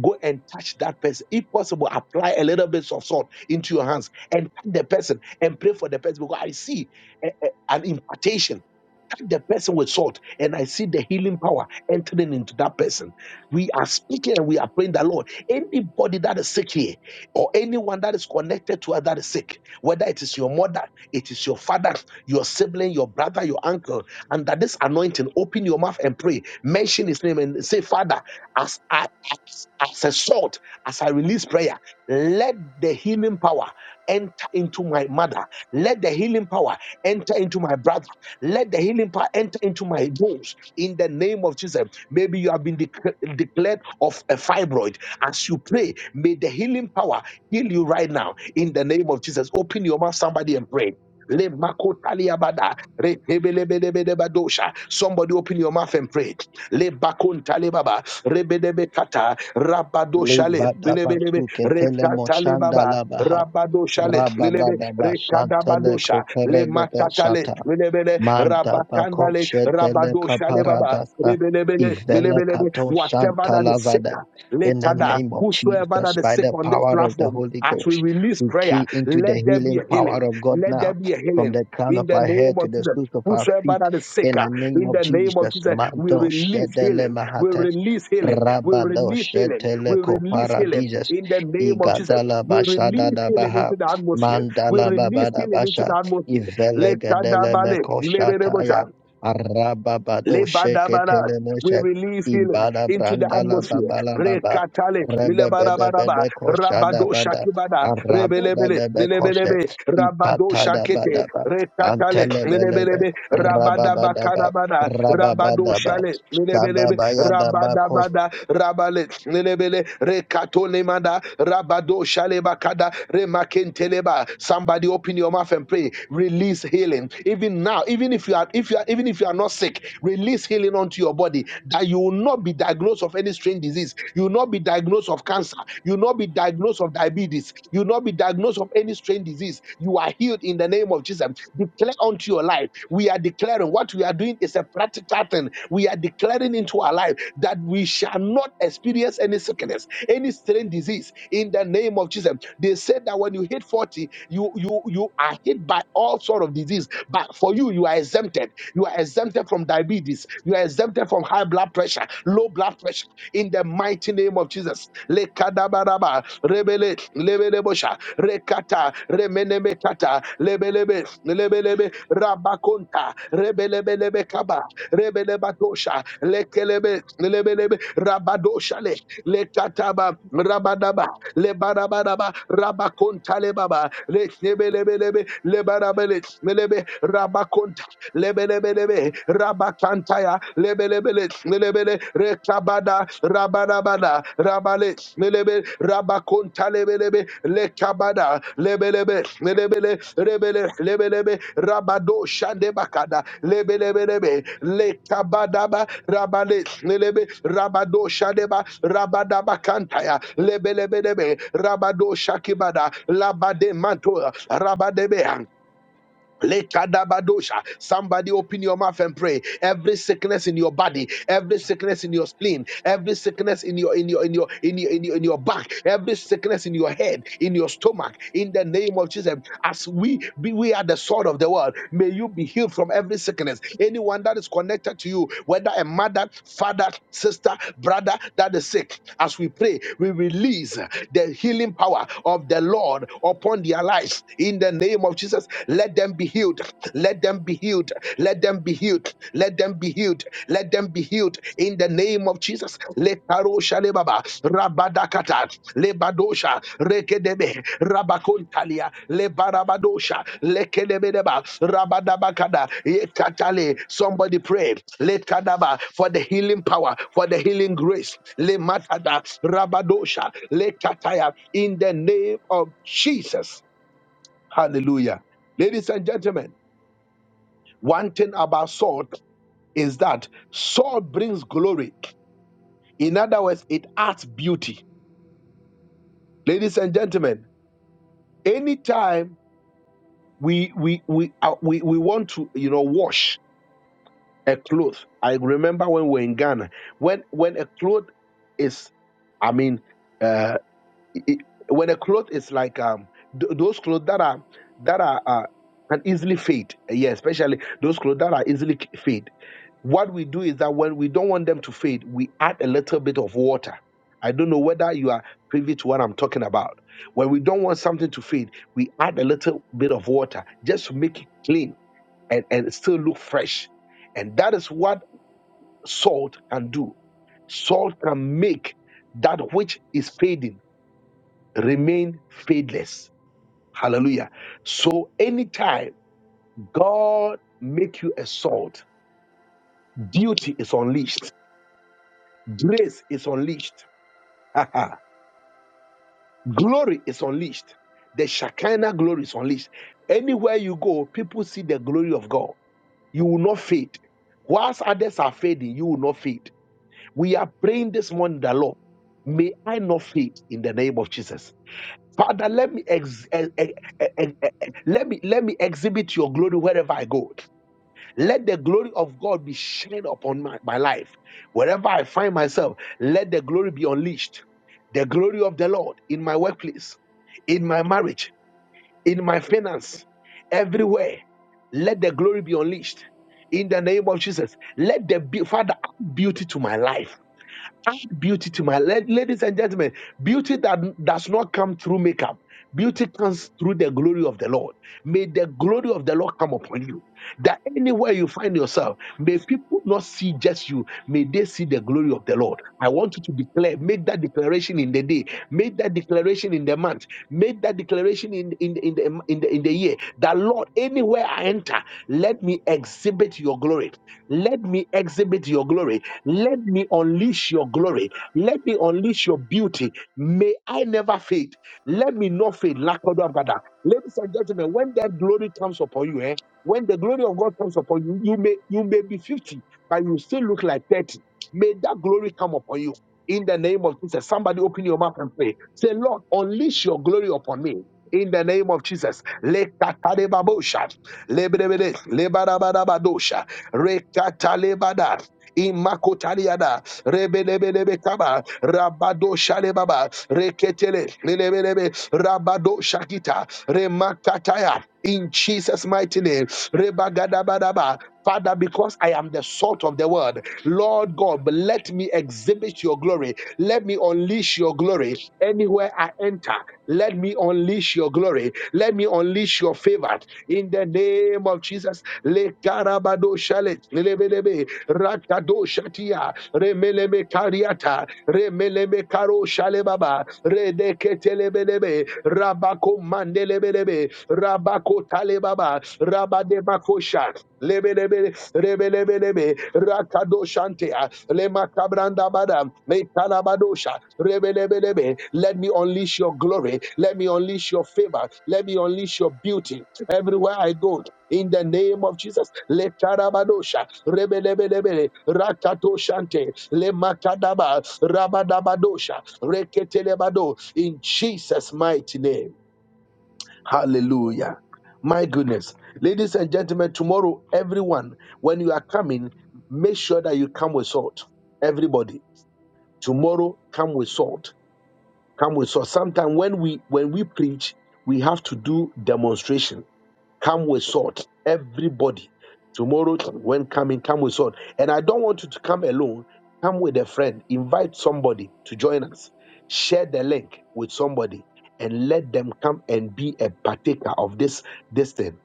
[SPEAKER 1] Go and touch that person. If possible, apply a little bit of salt into your hands and touch the person and pray for the person because I see a- a- an impartation touch the person with salt and I see the healing power entering into that person. We are speaking and we are praying the Lord. Anybody that is sick here, or anyone that is connected to us that is sick, whether it is your mother, it is your father, your sibling, your brother, your uncle, under this anointing, open your mouth and pray. Mention his name and say, Father, as I as, as a salt, as I release prayer, let the healing power enter into my mother. Let the healing power enter into my brother. Let the healing power enter into my bones. In the name of Jesus. Maybe you have been dec- declared of a fibroid. As you pray, may the healing power heal you right now. In the name of Jesus. Open your mouth, somebody, and pray. Le makotaliabada, retebelebelebedebadosha. Somebody open your mouth and pray. Le bakontalebaba, rebedebekata, rabadoshale,
[SPEAKER 2] Libada
[SPEAKER 1] lebelebe,
[SPEAKER 2] Basuke Telemoshanda
[SPEAKER 1] rekatalebaba,
[SPEAKER 2] Labaha
[SPEAKER 1] rabadoshale, lelebe,
[SPEAKER 2] Rababada
[SPEAKER 1] rekadabadosha,
[SPEAKER 2] Bashanteleko
[SPEAKER 1] le matata le makatale,
[SPEAKER 2] Perededo
[SPEAKER 1] Le
[SPEAKER 2] Manda bako
[SPEAKER 1] rabakandale,
[SPEAKER 2] shetele
[SPEAKER 1] le baba,
[SPEAKER 2] kaparadasa
[SPEAKER 1] lebelebele,
[SPEAKER 2] ivele
[SPEAKER 1] lebelebe.
[SPEAKER 2] kato
[SPEAKER 1] Whatever
[SPEAKER 2] shanta
[SPEAKER 1] that is sick.
[SPEAKER 2] lavada. In the
[SPEAKER 1] Lekada,
[SPEAKER 2] name of
[SPEAKER 1] whosoever
[SPEAKER 2] Jesus,
[SPEAKER 1] that is
[SPEAKER 2] by
[SPEAKER 1] sick
[SPEAKER 2] the
[SPEAKER 1] on this
[SPEAKER 2] power of the
[SPEAKER 1] platform,
[SPEAKER 2] Holy
[SPEAKER 1] as we
[SPEAKER 2] Ghost,
[SPEAKER 1] release
[SPEAKER 2] we
[SPEAKER 1] prayer,
[SPEAKER 2] key into the
[SPEAKER 1] let there be a
[SPEAKER 2] healing power
[SPEAKER 1] healing.
[SPEAKER 2] of God
[SPEAKER 1] Let there
[SPEAKER 2] now.
[SPEAKER 1] be a
[SPEAKER 2] From
[SPEAKER 1] healing.
[SPEAKER 2] the crown of
[SPEAKER 1] In the
[SPEAKER 2] our
[SPEAKER 1] name
[SPEAKER 2] head to
[SPEAKER 1] of
[SPEAKER 2] the
[SPEAKER 1] Jesus,
[SPEAKER 2] soles of our
[SPEAKER 1] whosoever
[SPEAKER 2] feet,
[SPEAKER 1] that is sick,
[SPEAKER 2] in
[SPEAKER 1] uh,
[SPEAKER 2] the name
[SPEAKER 1] in
[SPEAKER 2] of
[SPEAKER 1] the name of
[SPEAKER 2] Jesus,
[SPEAKER 1] Jesus, we
[SPEAKER 2] Mando
[SPEAKER 1] release
[SPEAKER 2] Shedele
[SPEAKER 1] healing. We
[SPEAKER 2] Mahates,
[SPEAKER 1] release healing. We
[SPEAKER 2] Rabado
[SPEAKER 1] release healing.
[SPEAKER 2] Shetele
[SPEAKER 1] We release healing.
[SPEAKER 2] Koparadises,
[SPEAKER 1] In the name of Jesus,
[SPEAKER 2] Igadala
[SPEAKER 1] we
[SPEAKER 2] Bashada
[SPEAKER 1] release
[SPEAKER 2] da
[SPEAKER 1] healing
[SPEAKER 2] Baha,
[SPEAKER 1] into the atmosphere. We
[SPEAKER 2] Mandala
[SPEAKER 1] release
[SPEAKER 2] Babada
[SPEAKER 1] healing into
[SPEAKER 2] basha.
[SPEAKER 1] the atmosphere.
[SPEAKER 2] Ivele
[SPEAKER 1] Lekada
[SPEAKER 2] gedele
[SPEAKER 1] bale,
[SPEAKER 2] meko shataya.
[SPEAKER 1] leberebosa.
[SPEAKER 2] Araba bado sheke
[SPEAKER 1] Lebadabara.
[SPEAKER 2] tele
[SPEAKER 1] We
[SPEAKER 2] moshe.
[SPEAKER 1] release healing
[SPEAKER 2] Ibada
[SPEAKER 1] into the
[SPEAKER 2] brandala
[SPEAKER 1] atmosphere.
[SPEAKER 2] babala baba.
[SPEAKER 1] Rekatale,
[SPEAKER 2] Rebe bede
[SPEAKER 1] lilebarabaraba,
[SPEAKER 2] bede ko shada
[SPEAKER 1] rabado
[SPEAKER 2] bada.
[SPEAKER 1] shakibada,
[SPEAKER 2] Araba
[SPEAKER 1] rebelebele,
[SPEAKER 2] bede beko she.
[SPEAKER 1] lilebelebe, rabado
[SPEAKER 2] Ipata da
[SPEAKER 1] shakete,
[SPEAKER 2] bada ba.
[SPEAKER 1] rekatale,
[SPEAKER 2] Antele bele be.
[SPEAKER 1] lilebelebe,
[SPEAKER 2] Raba bada ba.
[SPEAKER 1] rabadabakarabada,
[SPEAKER 2] Raba
[SPEAKER 1] rabado
[SPEAKER 2] bada ba.
[SPEAKER 1] shale,
[SPEAKER 2] Shada
[SPEAKER 1] lilebelebe,
[SPEAKER 2] baya da
[SPEAKER 1] rabadabada, rabale, lilebele, rekatolemada, rabado shalebakada, remakenteleba. Somebody open your mouth and pray. Release healing. Even now, even if you are, if you are, even even if you are not sick, release healing onto your body that you will not be diagnosed of any strange disease. You will not be diagnosed of cancer. You will not be diagnosed of diabetes. You will not be diagnosed of any strange disease. You are healed in the name of Jesus. Declare unto your life. We are declaring what we are doing is a practical thing. We are declaring into our life that we shall not experience any sickness, any strange disease in the name of Jesus. They said that when you hit 40, you you you are hit by all sort of disease. But for you, you you are exempted. You are exempted from diabetes. You are exempted from high blood pressure, low blood pressure. In the mighty name of Jesus. Lekadabaraba, rebele, lebelebosha, rekata, remenemekata, lebelebe, lebelebe, rabakonta, rebelebelebekaba, rebelebadosha, lekelebe, lebelebe, rabadoshale, lekataba, rabadaba, lebarabaraba, rabakonta lebaba, lekebelebelebe, lebarabele, lebelebelebe rabakonta lebelebelebe rabakantaya lebelebele lebele rekabada rabarabada rabale lebele rabakonta lebelebe lekabada lebelebe lebele rebele lebelebe rabado shande bakada lebelebelebe lekabadaba rabale lebelebe rabado shadeba rabadaba kantaya lebelebelebe rabado shakibada labade manto rabadebe Lekadabadosha. Somebody open your mouth and pray. Every sickness in your body, every sickness in your spleen, every sickness in your in your in your in your in your, in your back, every sickness in your head, in your stomach, in the name of Jesus. As we be, we are the sword of the world. May you be healed from every sickness. Anyone that is connected to you, whether a mother, father, sister, brother that is sick, as we pray, we release the healing power of the Lord upon their lives in the name name of Jesus, let them be healed. Let them be healed. Let them be healed. Let them be healed. Let them be healed in the name of Jesus. Le parosha le baba rabadakata le badosha rekedebe rabakontalia le barabadosha lekedebedeba rabadabakada yekatale. Somebody pray. Le kadaba for the healing power, for the healing grace. Le matada rabadosha le kataya in the name of Jesus. Hallelujah. Ladies and gentlemen, one thing about salt is that salt brings glory. In other words, it adds beauty. Ladies and gentlemen, anytime we we we uh, we, we want to you know wash a cloth. I remember when we were in Ghana, when when a cloth is, I mean. uh, it- when a cloth is like um th- those clothes that are that are uh, can easily fade yeah especially those clothes that are easily c- fade what we do is that when we don't want them to fade we add a little bit of water i don't know whether you are privy to what i'm talking about when we don't want something to fade we add a little bit of water just to make it clean and, and still look fresh and that is what salt can do salt can make that which is fading remain fadeless. Hallelujah. So anytime God make you a salt, duty is unleashed, grace is unleashed, haha, glory is unleashed, the Shekinah glory is unleashed. Anywhere you go, people see the glory of God. You will not fade. Whilst others are fading, you will not fade. We are praying this morning, the Lord, may I not fade in the name of Jesus. Father, let me ex- eh, eh, eh, eh, eh, eh, let me let me exhibit your glory wherever I go. Let the glory of God be shined upon my, my life. Wherever I find myself, let the glory be unleashed. The glory of the Lord in my workplace, in my marriage, in my finance, everywhere. Let the glory be unleashed. In the name of Jesus, let the be- Father add beauty to my life Add beauty to my la- ladies and gentlemen. Beauty that does not come through makeup. Beauty comes through the glory of the Lord. May the glory of the Lord come upon you. That anywhere you find yourself, may people not see just you. May they see the glory of the Lord. I want you to declare, make that declaration in the day, make that declaration in the month, make that declaration in, in, in, the, in, the, in the year. That Lord, anywhere I enter, let me exhibit your glory. Let me exhibit your glory. Let me unleash your glory. Let me unleash your beauty. May I never fade. Let me not fade. Lakodabada. Ladies and gentlemen, when that glory comes upon you, eh, when the glory of God comes upon you, you may you may be 50, but you still look like 30. May that glory come upon you. In the name of Jesus, somebody open your mouth and pray. Say, Lord, unleash your glory upon me. In the name of Jesus. Lekatadebabosha. Lebrebede. Lebarabadabadosha. Rekatalebada. Imakotaliada, Rebelebelebe Kaba, Rabado Shalebaba, Reketele, Lelebelebe, Rabado Shakita, Remakataya, in Jesus' mighty name, Rebagadabadaba. Father, because I am the salt of the world, Lord God, let me exhibit your glory. Let me unleash your glory anywhere I enter. Let me unleash unleash your glory. Let me unleash your favor in the name of Jesus. Le karabado shale, lebelebe, rakado shatia, remeleme kariata, remeleme karo shale redeketelebelebe, rabako mandelebelebe, rabako talebaba, rabadebakosha, Lebelebele, rebelebelebe, rakadoshantea, lemakabrandabada, mekalabadosha, rebelebelebe. Let me unleash your glory. Let me unleash your favor. Let me unleash your beauty everywhere I go. In the name of Jesus, lekarabadosha, rebelebelebele, rakatoshante, lemakadaba, rabadabadosha, reketelebado. In Jesus' mighty name. Hallelujah. My goodness. Ladies and gentlemen, tomorrow, everyone, when you are coming, make sure that you come with salt. Everybody, tomorrow, come with salt. Come with salt. Sometimes when we when we preach, we have to do demonstration. Come with salt. Everybody. Tomorrow, when coming, come with someone. And I don't want you to come alone. Come with a friend. Invite somebody to join us. Share the link with somebody and let them come and be a partaker of this, this thing.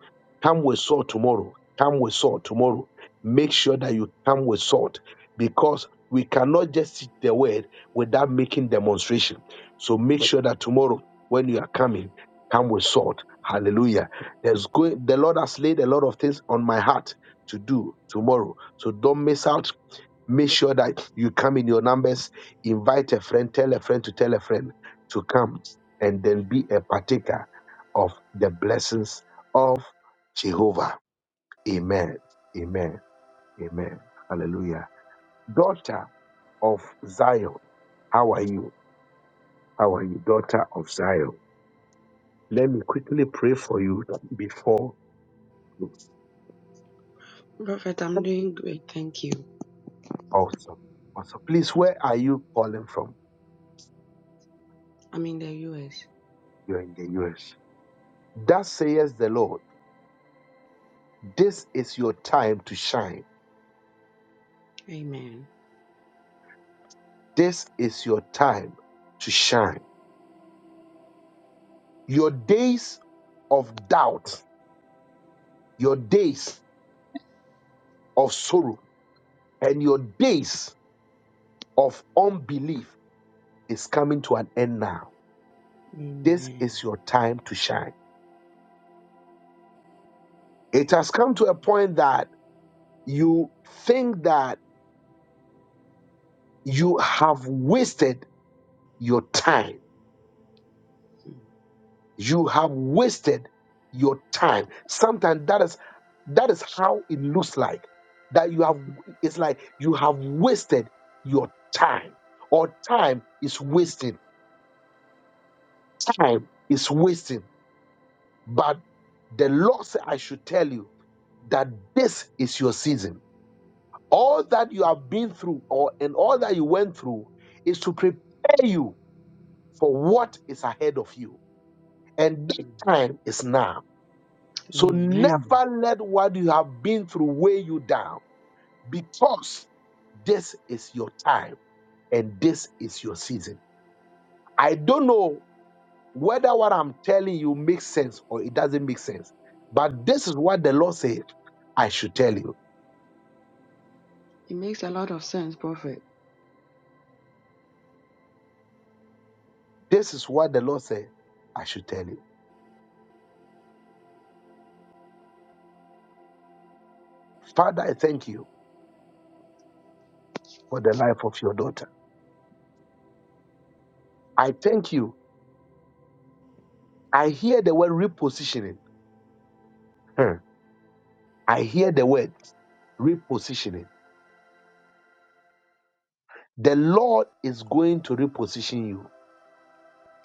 [SPEAKER 1] Come with salt tomorrow. Come with salt tomorrow. Make sure that you come with salt because we cannot just teach the word without making demonstration. So make sure that tomorrow, when you are coming, come with salt. Hallelujah. There's going, the Lord has laid a lot of things on my heart to do tomorrow. So don't miss out. Make sure that you come in your numbers, invite a friend, tell a friend to tell a friend to come, and then be a partaker of the blessings of Jehovah. Amen. Amen. Amen. Hallelujah. Daughter of Zion, how are you? How are you, daughter of Zion? Let me quickly pray for you before.
[SPEAKER 5] Prophet, I'm doing great. Thank you.
[SPEAKER 1] Awesome. Awesome. Please, where are you calling from?
[SPEAKER 5] I'm in the US.
[SPEAKER 1] You're in the US. Thus says the Lord, this is your time to shine.
[SPEAKER 5] Amen.
[SPEAKER 1] This is your time to shine. Your days of doubt, your days of sorrow, and your days of unbelief is coming to an end now. This
[SPEAKER 5] Amen.
[SPEAKER 1] is your time to shine. It has come to a point that you think that you have wasted your time
[SPEAKER 5] Mm,
[SPEAKER 1] You have wasted your time. Sometimes that is that is how it looks like. That you have
[SPEAKER 5] mhm.
[SPEAKER 1] it's like you have wasted your time. Or time is wasting. Time is wasting. But the Lord said I should tell you that this is your season. All that you have been through or and all that you went through is to prepare you for what is ahead of you. And that
[SPEAKER 5] Mm.
[SPEAKER 1] time is now So
[SPEAKER 5] Amen.
[SPEAKER 1] never let what you have been through weigh you down because this is your time and this is your season. I don't know whether what I'm telling you makes sense or it doesn't make sense, but this is what the Lord said I should tell you.
[SPEAKER 5] It makes a lot of sense, Prophet.
[SPEAKER 1] This is what the Lord said I should tell you. Father, I thank you for the life of your daughter. I thank you. I hear the word repositioning. Hmm. I hear the word repositioning the Lord is going to reposition you.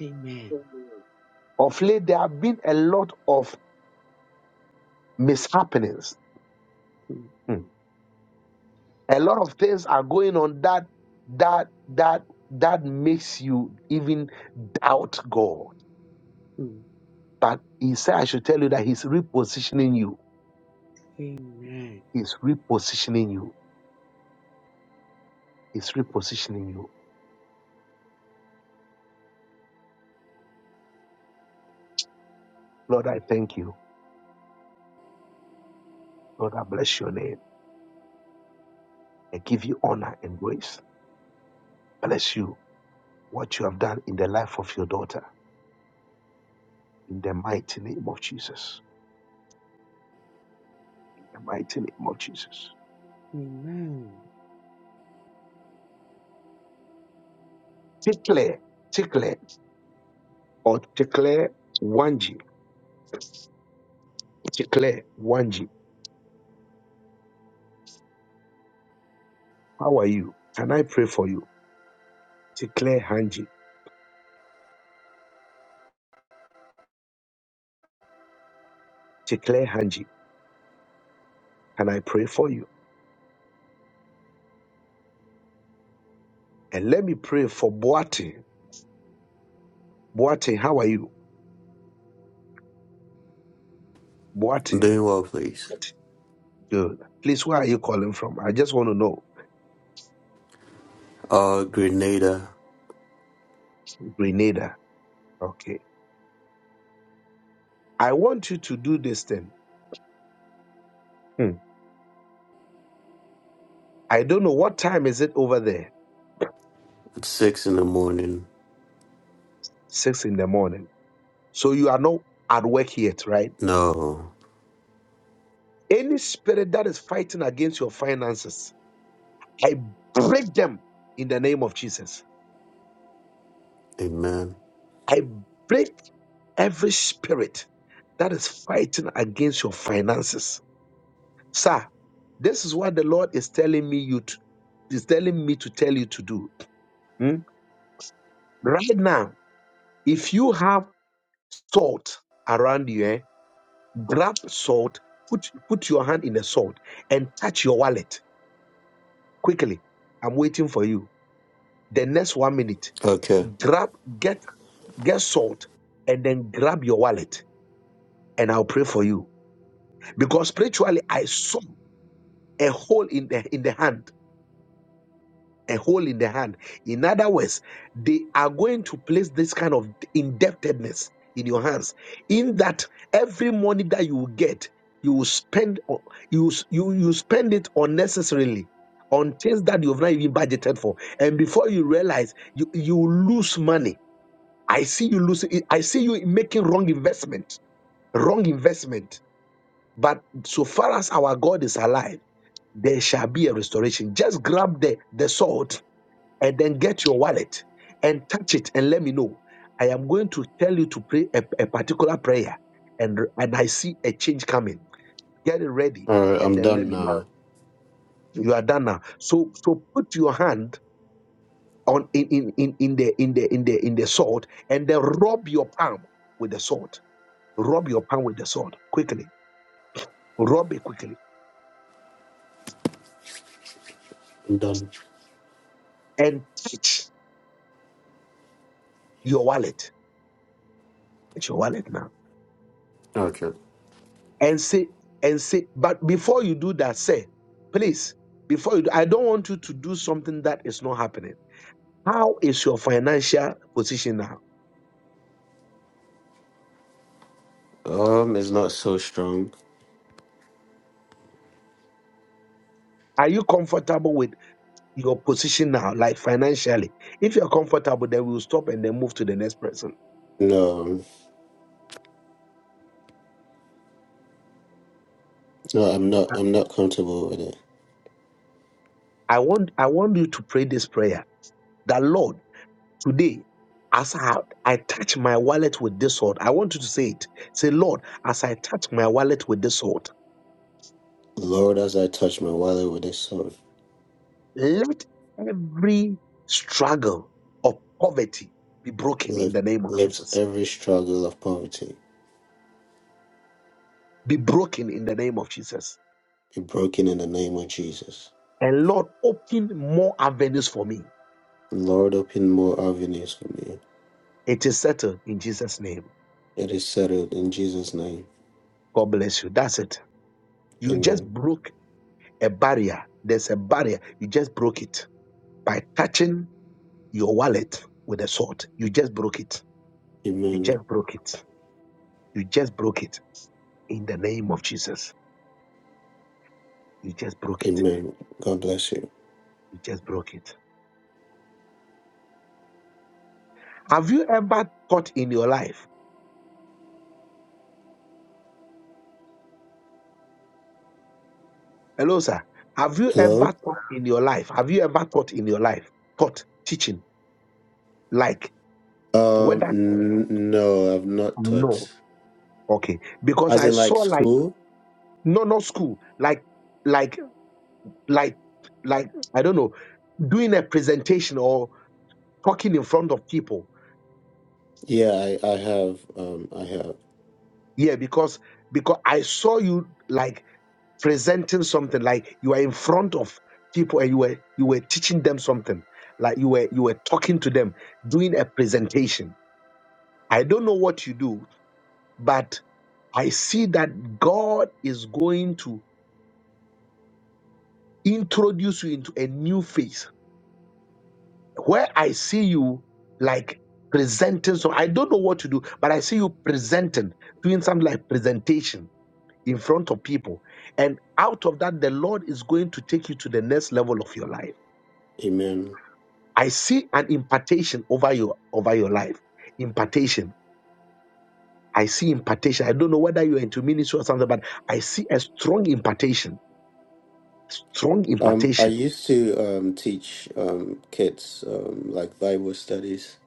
[SPEAKER 5] Amen.
[SPEAKER 1] Of late, there have been a lot of mishappenings.
[SPEAKER 5] Mm,
[SPEAKER 1] Hmm. A lot of things are going on that that that that makes you even doubt God.
[SPEAKER 5] mm.
[SPEAKER 1] But He said, I should tell you that He's repositioning you.
[SPEAKER 5] Amen.
[SPEAKER 1] He's repositioning you. He's repositioning you. Lord, I thank you. Lord, I bless your name. I give you honor and grace. Bless you. What you have done in the life of your daughter. In the mighty name of Jesus. the mighty name of Jesus.
[SPEAKER 5] Amen.
[SPEAKER 1] Declare, declare, or declare Wanji, declare Wanji. How are you? Can I pray for you? Declare Hanji, declare Hanji. Can I pray for you? And let me pray for Boate. Boate, how are you? Boate,
[SPEAKER 6] Doing well, please.
[SPEAKER 1] good. Please, where are you calling from? I just want to know.
[SPEAKER 6] Uh, Grenada
[SPEAKER 1] Grenada. Okay. I want you to do this thing. Hmm. I don't know what time is it over there.
[SPEAKER 6] at six in the morning.
[SPEAKER 1] Six in the morning. So you are not at work yet, right?
[SPEAKER 6] No,
[SPEAKER 1] Any spirit that is fighting against your finances, I break them in the name of Jesus.
[SPEAKER 6] amen.
[SPEAKER 1] I break every spirit that is fighting against your finances. Sir, this is what the Lord is telling me you to, is telling me to tell you to do. Hmm? Right now, if you have salt around you, eh, grab salt, put put your hand in the salt and touch your wallet quickly. I'm waiting for you. The next one minute.
[SPEAKER 6] Okay.
[SPEAKER 1] grab get get salt and then grab your wallet and i'll pray for you because spiritually i saw a hole in the in the hand a hole in the hand in other words they are going to place this kind of indebtedness in your hands in that every money that you will get you will spend on- you you you spend it unnecessarily on things that you've not even budgeted for and before you realize you you will lose money I see you losing. I see you making wrong investment, wrong investment. But so far as our God is alive, there shall be a restoration. Just grab the the sword and then get your wallet and touch it and let me know. I am going to tell you to pray a, a particular prayer, and and I see a change coming. Get it ready
[SPEAKER 6] All right,
[SPEAKER 1] and
[SPEAKER 6] I'm
[SPEAKER 1] then let
[SPEAKER 6] done
[SPEAKER 1] me know.
[SPEAKER 6] now.
[SPEAKER 1] You are done now. So so put your hand on in in in, in the in the in the in the sword and then rub your palm with the sword Rub your palm with the sword quickly. Rub it quickly
[SPEAKER 6] I'm done.
[SPEAKER 1] and touch your wallet. Touch your wallet now
[SPEAKER 6] Okay.
[SPEAKER 1] and say and say. But before you do that, say, please. Before you, do, I don't want you to do something that is not happening. How is your financial position now?
[SPEAKER 6] Um, it's not so strong.
[SPEAKER 1] Are you comfortable with your position now, like financially? If you're comfortable, then we'll stop and then move to the next person.
[SPEAKER 6] No, no, I'm not. I'm not comfortable with it.
[SPEAKER 1] I want I want you to pray this prayer. That Lord. Today, as I, I touch my wallet with this sword, I want you to say it. Say, Lord, as I touch my wallet with this sword,
[SPEAKER 6] Lord, as I touch my wallet with this sword,
[SPEAKER 1] let every struggle of poverty be broken in
[SPEAKER 6] lift
[SPEAKER 1] the name of
[SPEAKER 6] lift
[SPEAKER 1] Jesus.
[SPEAKER 6] every struggle of poverty
[SPEAKER 1] Be broken in the name of Jesus.
[SPEAKER 6] be broken in the name of Jesus.
[SPEAKER 1] And Lord, open more avenues for me.
[SPEAKER 6] Lord, open more avenues for me.
[SPEAKER 1] It is settled in Jesus' name.
[SPEAKER 6] It is settled in Jesus' name.
[SPEAKER 1] God bless you. That's it. You just
[SPEAKER 6] Amen.
[SPEAKER 1] broke a barrier. There's a barrier. You just broke it by touching your wallet with a sword. You just broke it You
[SPEAKER 6] Amen.
[SPEAKER 1] just broke it. You just broke it. In the name of Jesus. You just broke it.
[SPEAKER 6] Amen. God bless you.
[SPEAKER 1] You just broke it. Have you ever thought in your life? Hello, sir. Have you ever
[SPEAKER 6] Hello?
[SPEAKER 1] thought in your life? Have you ever thought in your life? Thought, teaching, like
[SPEAKER 6] Um,
[SPEAKER 1] whether
[SPEAKER 6] n- no, I've not
[SPEAKER 1] no.
[SPEAKER 6] taught.
[SPEAKER 1] Okay. Because
[SPEAKER 6] As
[SPEAKER 1] I
[SPEAKER 6] in like
[SPEAKER 1] saw like
[SPEAKER 6] school?
[SPEAKER 1] no no school. Like like like like I don't know, doing a presentation or talking in front of people.
[SPEAKER 6] Yeah, I, I have. Um, I have.
[SPEAKER 1] Yeah, because because I saw you like presenting something, like you were in front of people and you were you were teaching them something, like you were you were talking to them, doing a presentation. I don't know what you do, but I see that God is going to introduce you into a new phase where I see you like presenting. So I don't know what to do, but I see you presenting, doing something like presentation. in front of people. And out of that, the Lord is going to take you to the next level of your life.
[SPEAKER 6] Amen.
[SPEAKER 1] I see an impartation over your over your life. Impartation. I see impartation. I don't know whether you're into ministry or something, but I see a strong impartation. Strong
[SPEAKER 6] Um, I
[SPEAKER 1] impartation.
[SPEAKER 6] used to um teach um kids um like Bible studies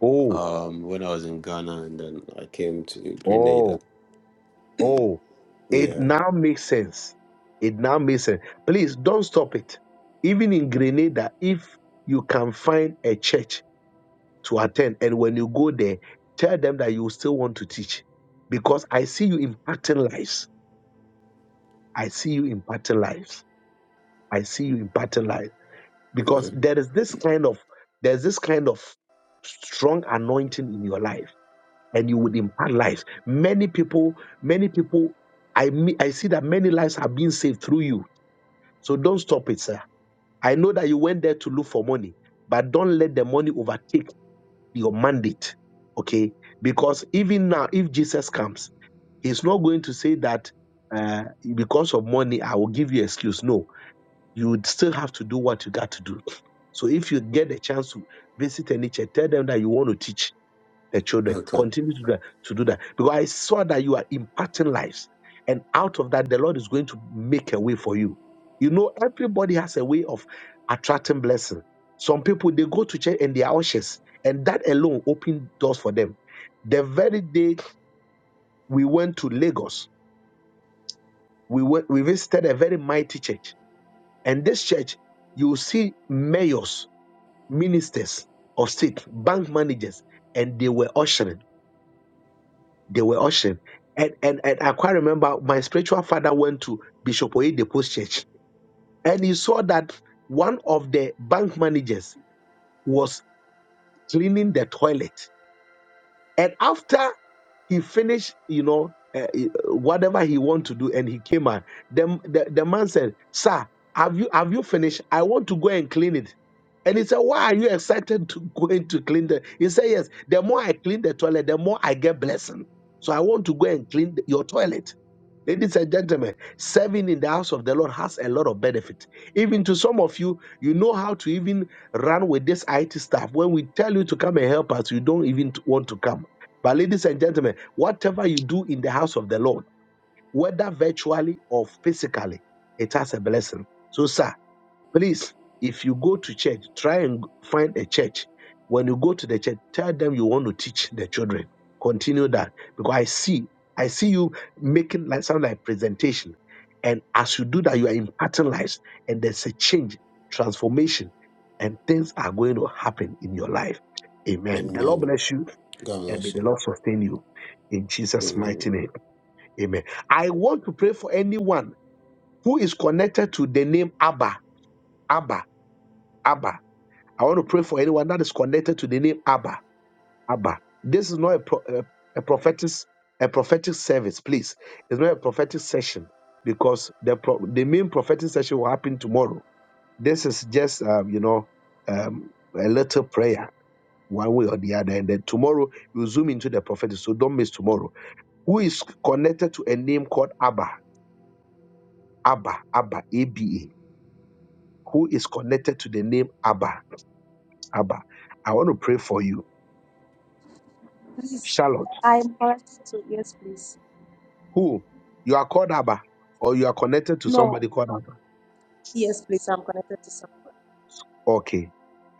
[SPEAKER 1] Oh,
[SPEAKER 6] um when I was in Ghana and then I came to Grenada.
[SPEAKER 1] oh, oh. It
[SPEAKER 6] Yeah.
[SPEAKER 1] now makes sense. It now makes sense. Please don't stop it. Even in Grenada, if you can find a church to attend. And when you go there, tell them that you still want to teach because I see you impacting lives. I see you impacting lives. I see you impacting lives because
[SPEAKER 6] Amen.
[SPEAKER 1] there is this kind of there's this kind of strong anointing in your life and you would impact lives. Many people, many people I me- I see that many lives are being saved through you. So don't stop it, sir. I know that you went there to look for money, but don't let the money overtake your mandate. Okay. Because even now, if Jesus comes, he's not going to say that uh, because of money, I will give you excuse. No, you would still have to do what you got to do. So if you get the chance to visit any church, tell them that you want to teach the children.
[SPEAKER 6] Okay.
[SPEAKER 1] Continue to do that, to do that. Because I saw that you are impacting lives. And out of that, the Lord is going to make a way for you. You know, everybody has a way of attracting blessing. Some people they go to church and they are ushers, and that alone opened doors for them. The very day we went to Lagos, we went we visited a very mighty church. And this church, you will see mayors, ministers of state, bank managers, and they were ushering They were ushering. And, and, and I quite remember my spiritual father went to Bishop Oyedepo's church and he saw that one of the bank managers was cleaning the toilet and after he finished, you know, uh, whatever he wanted to do, and he came out. The, the, the man said, "Sir, have you have you finished? I want to go and clean it." And he said, "Why are you excited to go in to clean the?" He said, "Yes. The more I clean the toilet, the more I get blessing. So I want to go and clean the- your toilet." Ladies and gentlemen, serving in the house of the Lord has a lot of benefit. Even to some of you, you know how to even run with this IT staff. When we tell you to come and help us, you don't even want to come but, ladies and gentlemen, whatever you do in the house of the Lord, whether virtually or physically, it has a blessing. So, sir, please, if you go to church, try and find a church. When you go to the church, tell them you want to teach the children. Continue that because I see, I see you making like sound like presentation, and as you do that, you are imparting lives, and there's a change, transformation, and things are going to happen in your life. Amen. The Lord
[SPEAKER 6] Amen.
[SPEAKER 1] bless you
[SPEAKER 6] God
[SPEAKER 1] and may
[SPEAKER 6] bless
[SPEAKER 1] the
[SPEAKER 6] you.
[SPEAKER 1] Lord sustain you in Jesus' mighty
[SPEAKER 6] Amen.
[SPEAKER 1] name. Amen. I want to pray for anyone who is connected to the name Abba, Abba, Abba. I want to pray for anyone that is connected to the name Abba, Abba. This is not a, pro- a, a prophetic a prophetic service, please. It's not a prophetic session because the pro- the main prophetic session will happen tomorrow. This is just um, you know um, a little prayer one way or the other. And then tomorrow you zoom into the prophetic. So don't miss tomorrow. Who is connected to a name called Abba? Abba, Abba, A B A. Who is connected to the name Abba? Abba. I want to pray for you.
[SPEAKER 7] Please,
[SPEAKER 1] Charlotte,
[SPEAKER 7] I'm connected to, yes, please.
[SPEAKER 1] who? You are called Abba, or you are connected to
[SPEAKER 7] No,
[SPEAKER 1] somebody called Abba.
[SPEAKER 7] yes, please, I'm connected to
[SPEAKER 1] Okay.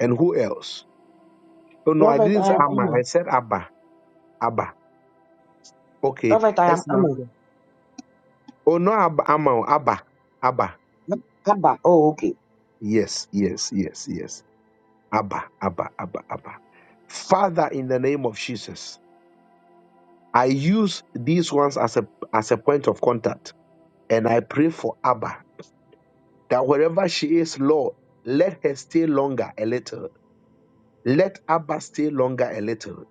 [SPEAKER 1] And who else? Oh no, I
[SPEAKER 5] Prophet,
[SPEAKER 1] didn't
[SPEAKER 5] I
[SPEAKER 1] say
[SPEAKER 5] am
[SPEAKER 1] Amma. I
[SPEAKER 5] Emma.
[SPEAKER 1] said Abba. Abba. Okay.
[SPEAKER 5] Prophet, I am
[SPEAKER 1] Excellent.
[SPEAKER 5] Emma.
[SPEAKER 1] Oh no, Abba, Amma. Abba. Abba.
[SPEAKER 5] Abba. Oh, okay.
[SPEAKER 1] Yes, yes, yes, yes. Abba, Abba, Abba, Abba. Father, in the name of Jesus, I use these ones as a as a point of contact, and I pray for Abba that wherever she is, Lord, let her stay longer a little. Let Abba stay longer a little.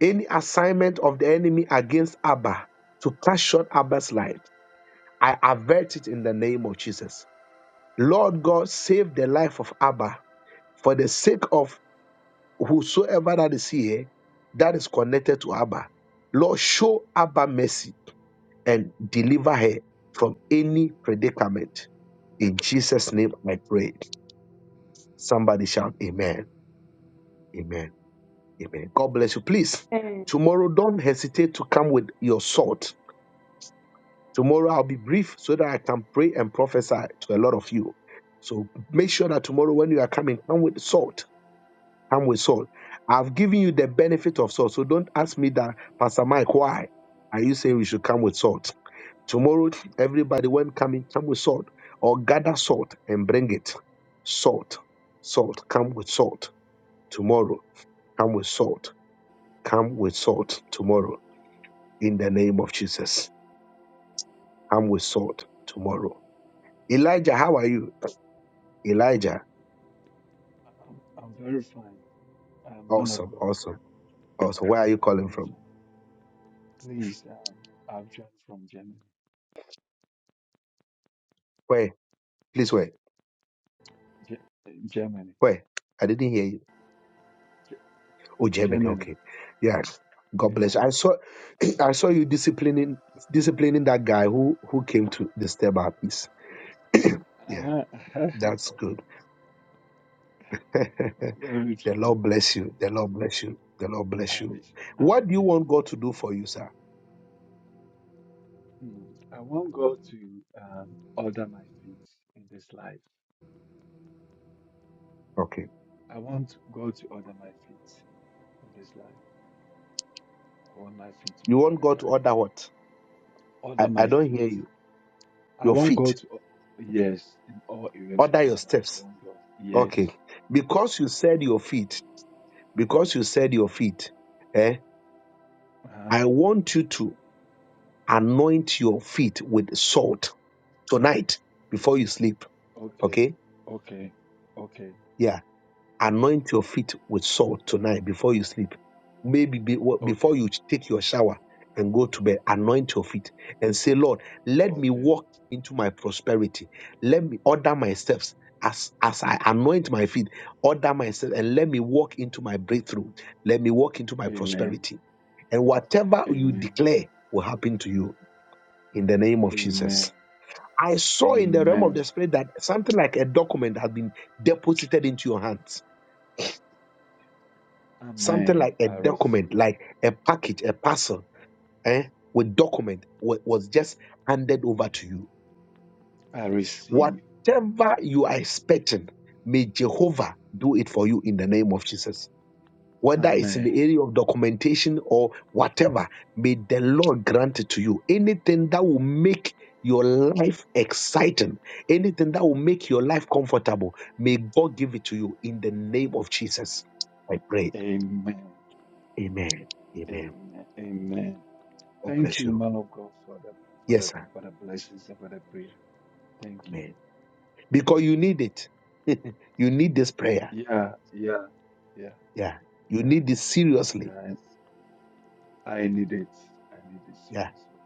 [SPEAKER 1] Any assignment of the enemy against Abba to cut short Abba's life, I avert it in the name of Jesus. Lord God, save the life of Abba for the sake of whosoever that is here that is connected to Abba, Lord, show Abba mercy and deliver her from any predicament. In Jesus' name I pray. Somebody shout, Amen. Amen. Amen. God bless you. Please,
[SPEAKER 7] someone.
[SPEAKER 1] tomorrow don't hesitate to come with your salt. Tomorrow I'll be brief so that I can pray and prophesy to a lot of you. So make sure that tomorrow when you are coming, come with salt I'm with Saul. I've given you the benefit of Saul. So don't ask me that, Pastor Mike, why are you saying we should come with salt? Tomorrow, everybody, when coming, come with salt or gather salt and bring it. Salt, salt, come with salt. Tomorrow, come with salt. Come with salt tomorrow in the name of Jesus. Come with salt tomorrow. Elijah, how are you? Elijah,
[SPEAKER 8] I'm, I'm very fine, uh, man of
[SPEAKER 1] awesome,
[SPEAKER 8] God.
[SPEAKER 1] awesome, awesome. Where are you
[SPEAKER 8] I'm
[SPEAKER 1] calling
[SPEAKER 8] very
[SPEAKER 1] from?
[SPEAKER 8] fine. Please, um, I've joined from Germany.
[SPEAKER 1] Where? Please, where?
[SPEAKER 8] Ge- Germany.
[SPEAKER 1] Where? I didn't hear you.
[SPEAKER 8] Ge-
[SPEAKER 1] Oh, Germany.
[SPEAKER 8] Germany.
[SPEAKER 1] Okay. Yeah. God
[SPEAKER 8] Yeah.
[SPEAKER 1] bless. you. I saw, I saw you disciplining, disciplining that guy who who came to disturb our peace. Yeah,
[SPEAKER 8] Uh,
[SPEAKER 1] that's good. the
[SPEAKER 8] very true.
[SPEAKER 1] Lord bless you. The Lord bless you. The Lord
[SPEAKER 8] I
[SPEAKER 1] bless you.
[SPEAKER 8] wish.
[SPEAKER 1] What do you
[SPEAKER 8] Amen.
[SPEAKER 1] want God to do for you, sir?
[SPEAKER 8] Hmm. I want God to um, order my feet in this life.
[SPEAKER 1] Okay.
[SPEAKER 8] I want God to order my feet in this life. I want my feet to be
[SPEAKER 1] You want
[SPEAKER 8] ordered
[SPEAKER 1] God
[SPEAKER 8] by
[SPEAKER 1] to
[SPEAKER 8] Him.
[SPEAKER 1] order what?
[SPEAKER 8] Order
[SPEAKER 1] I, I
[SPEAKER 8] my
[SPEAKER 1] don't
[SPEAKER 8] feet.
[SPEAKER 1] hear you.
[SPEAKER 8] I
[SPEAKER 1] Your
[SPEAKER 8] want God
[SPEAKER 1] feet.
[SPEAKER 8] to, o- yes, in all areas of
[SPEAKER 1] Order
[SPEAKER 8] my
[SPEAKER 1] your
[SPEAKER 8] life. I
[SPEAKER 1] steps.
[SPEAKER 8] want God.
[SPEAKER 1] Okay.
[SPEAKER 8] Yes.
[SPEAKER 1] Because you said your feet. Because you said your feet. Eh?
[SPEAKER 8] Uh-huh.
[SPEAKER 1] I want you to anoint your feet with salt tonight before you sleep.
[SPEAKER 8] Okay,
[SPEAKER 1] Okay,
[SPEAKER 8] okay, okay,
[SPEAKER 1] yeah, anoint your feet with salt tonight before you sleep. Maybe be, before
[SPEAKER 8] okay,
[SPEAKER 1] you take your shower and go to bed, anoint your feet and say, Lord, let me
[SPEAKER 8] okay.
[SPEAKER 1] walk into my prosperity. Let me order my steps. As, as I anoint my feet, order myself and let me walk into my breakthrough. Let me walk into my
[SPEAKER 8] Amen.
[SPEAKER 1] prosperity. And whatever you
[SPEAKER 8] Amen.
[SPEAKER 1] declare will happen to you in the name of Jesus.
[SPEAKER 8] Amen.
[SPEAKER 1] I saw in the realm of
[SPEAKER 8] Amen.
[SPEAKER 1] the spirit that something like a document had been deposited into your hands. Something like
[SPEAKER 8] Amen.
[SPEAKER 1] a
[SPEAKER 8] I
[SPEAKER 1] document,
[SPEAKER 8] receive.
[SPEAKER 1] like a package, a parcel, eh, with document wa- was just handed over to you.
[SPEAKER 8] I receive.
[SPEAKER 1] Whatever you are expecting, may Jehovah do it for you in the name of Jesus. whether it's in
[SPEAKER 8] Amen.
[SPEAKER 1] the area of documentation or whatever, may the Lord grant it to you. Anything that will make your life exciting, anything that will make your life comfortable, may God give it to you in the name of Jesus. I pray.
[SPEAKER 8] Amen.
[SPEAKER 1] Amen. Amen.
[SPEAKER 8] Amen. Amen.
[SPEAKER 1] God
[SPEAKER 8] Thank
[SPEAKER 1] bless
[SPEAKER 8] you,
[SPEAKER 1] you.
[SPEAKER 8] man of God, for the for
[SPEAKER 1] Yes,
[SPEAKER 8] the
[SPEAKER 1] sir.
[SPEAKER 8] for the blessings and for the prayer. Thank you.
[SPEAKER 1] Amen. Because
[SPEAKER 8] Thank
[SPEAKER 1] you
[SPEAKER 8] you.
[SPEAKER 1] need it. you need this prayer.
[SPEAKER 8] Yeah, yeah, yeah,
[SPEAKER 1] Yeah. You
[SPEAKER 8] yeah,
[SPEAKER 1] need this seriously.
[SPEAKER 8] yeah. I I need it. I need it
[SPEAKER 1] Yeah.
[SPEAKER 8] seriously.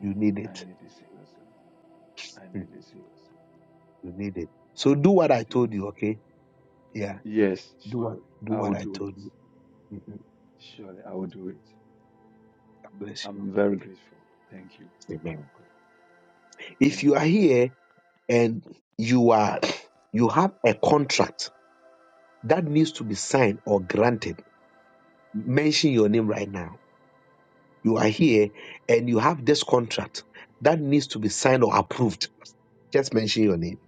[SPEAKER 1] You need
[SPEAKER 8] I
[SPEAKER 1] it.
[SPEAKER 8] need it seriously. I
[SPEAKER 1] Hmm.
[SPEAKER 8] need it seriously.
[SPEAKER 1] You need it.
[SPEAKER 8] I
[SPEAKER 1] So do
[SPEAKER 8] need it
[SPEAKER 1] what I told you,
[SPEAKER 8] seriously.
[SPEAKER 1] okay? Yeah.
[SPEAKER 8] Yes,
[SPEAKER 1] Do
[SPEAKER 8] surely.
[SPEAKER 1] what do
[SPEAKER 8] I
[SPEAKER 1] what
[SPEAKER 8] will
[SPEAKER 1] I
[SPEAKER 8] do it.
[SPEAKER 1] told you. Mhm.
[SPEAKER 8] Surely I will do it.
[SPEAKER 1] God bless you.
[SPEAKER 8] I'm very grateful. Thank you, man
[SPEAKER 1] Amen.
[SPEAKER 8] of God.
[SPEAKER 1] If
[SPEAKER 8] Thank
[SPEAKER 1] you
[SPEAKER 8] you,
[SPEAKER 1] are
[SPEAKER 8] sir.
[SPEAKER 1] here and you are you have a contract that needs to be signed or granted, mention your name right now. You are here and you have this contract that needs to be signed or approved. Just mention your name.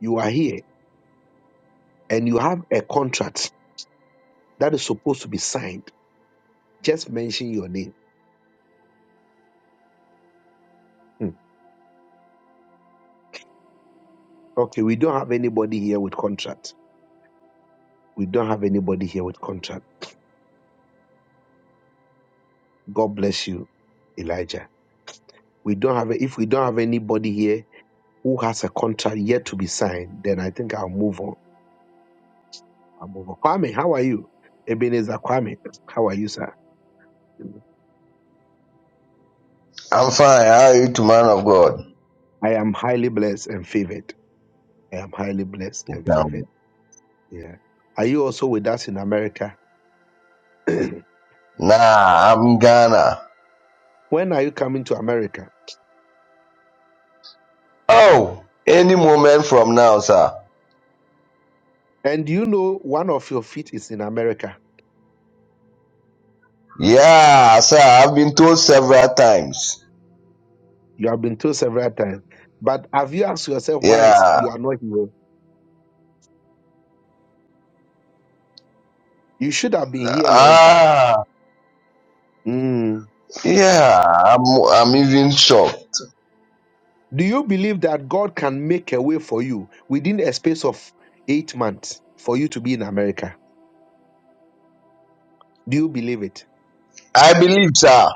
[SPEAKER 1] You are here and you have a contract that is supposed to be signed. Just mention your name. Hmm. Okay, we don't have anybody here with contract. We don't have anybody here with contract. God bless you, Elijah. We don't have if we don't have anybody here who has a contract yet to be signed, then I think I'll move on. I'll move on. Kwame, how are you? Ebenezer Kwame, how are you, sir?
[SPEAKER 9] I'm fine. How are you, to man of God?
[SPEAKER 1] I am highly blessed and favored. I am highly blessed and
[SPEAKER 9] Um,
[SPEAKER 1] favored. Yeah. Are you also with us in America? when
[SPEAKER 9] Nah, I'm Ghana.
[SPEAKER 1] are you coming to America?
[SPEAKER 9] Oh, any moment from now, sir.
[SPEAKER 1] And do you know one of your feet is in America?
[SPEAKER 9] Yeah, sir. I've been told several times.
[SPEAKER 1] You have been told several times. But have you asked yourself why it's,
[SPEAKER 9] Yeah.
[SPEAKER 1] you are not here? You should have been here a long time.
[SPEAKER 9] Ah,
[SPEAKER 1] Hmm.
[SPEAKER 9] yeah. I'm, I'm even shocked.
[SPEAKER 1] Do you believe that God can make a way for you within a space of eight months for you to be in America? Do you believe it?
[SPEAKER 9] I believe, sir.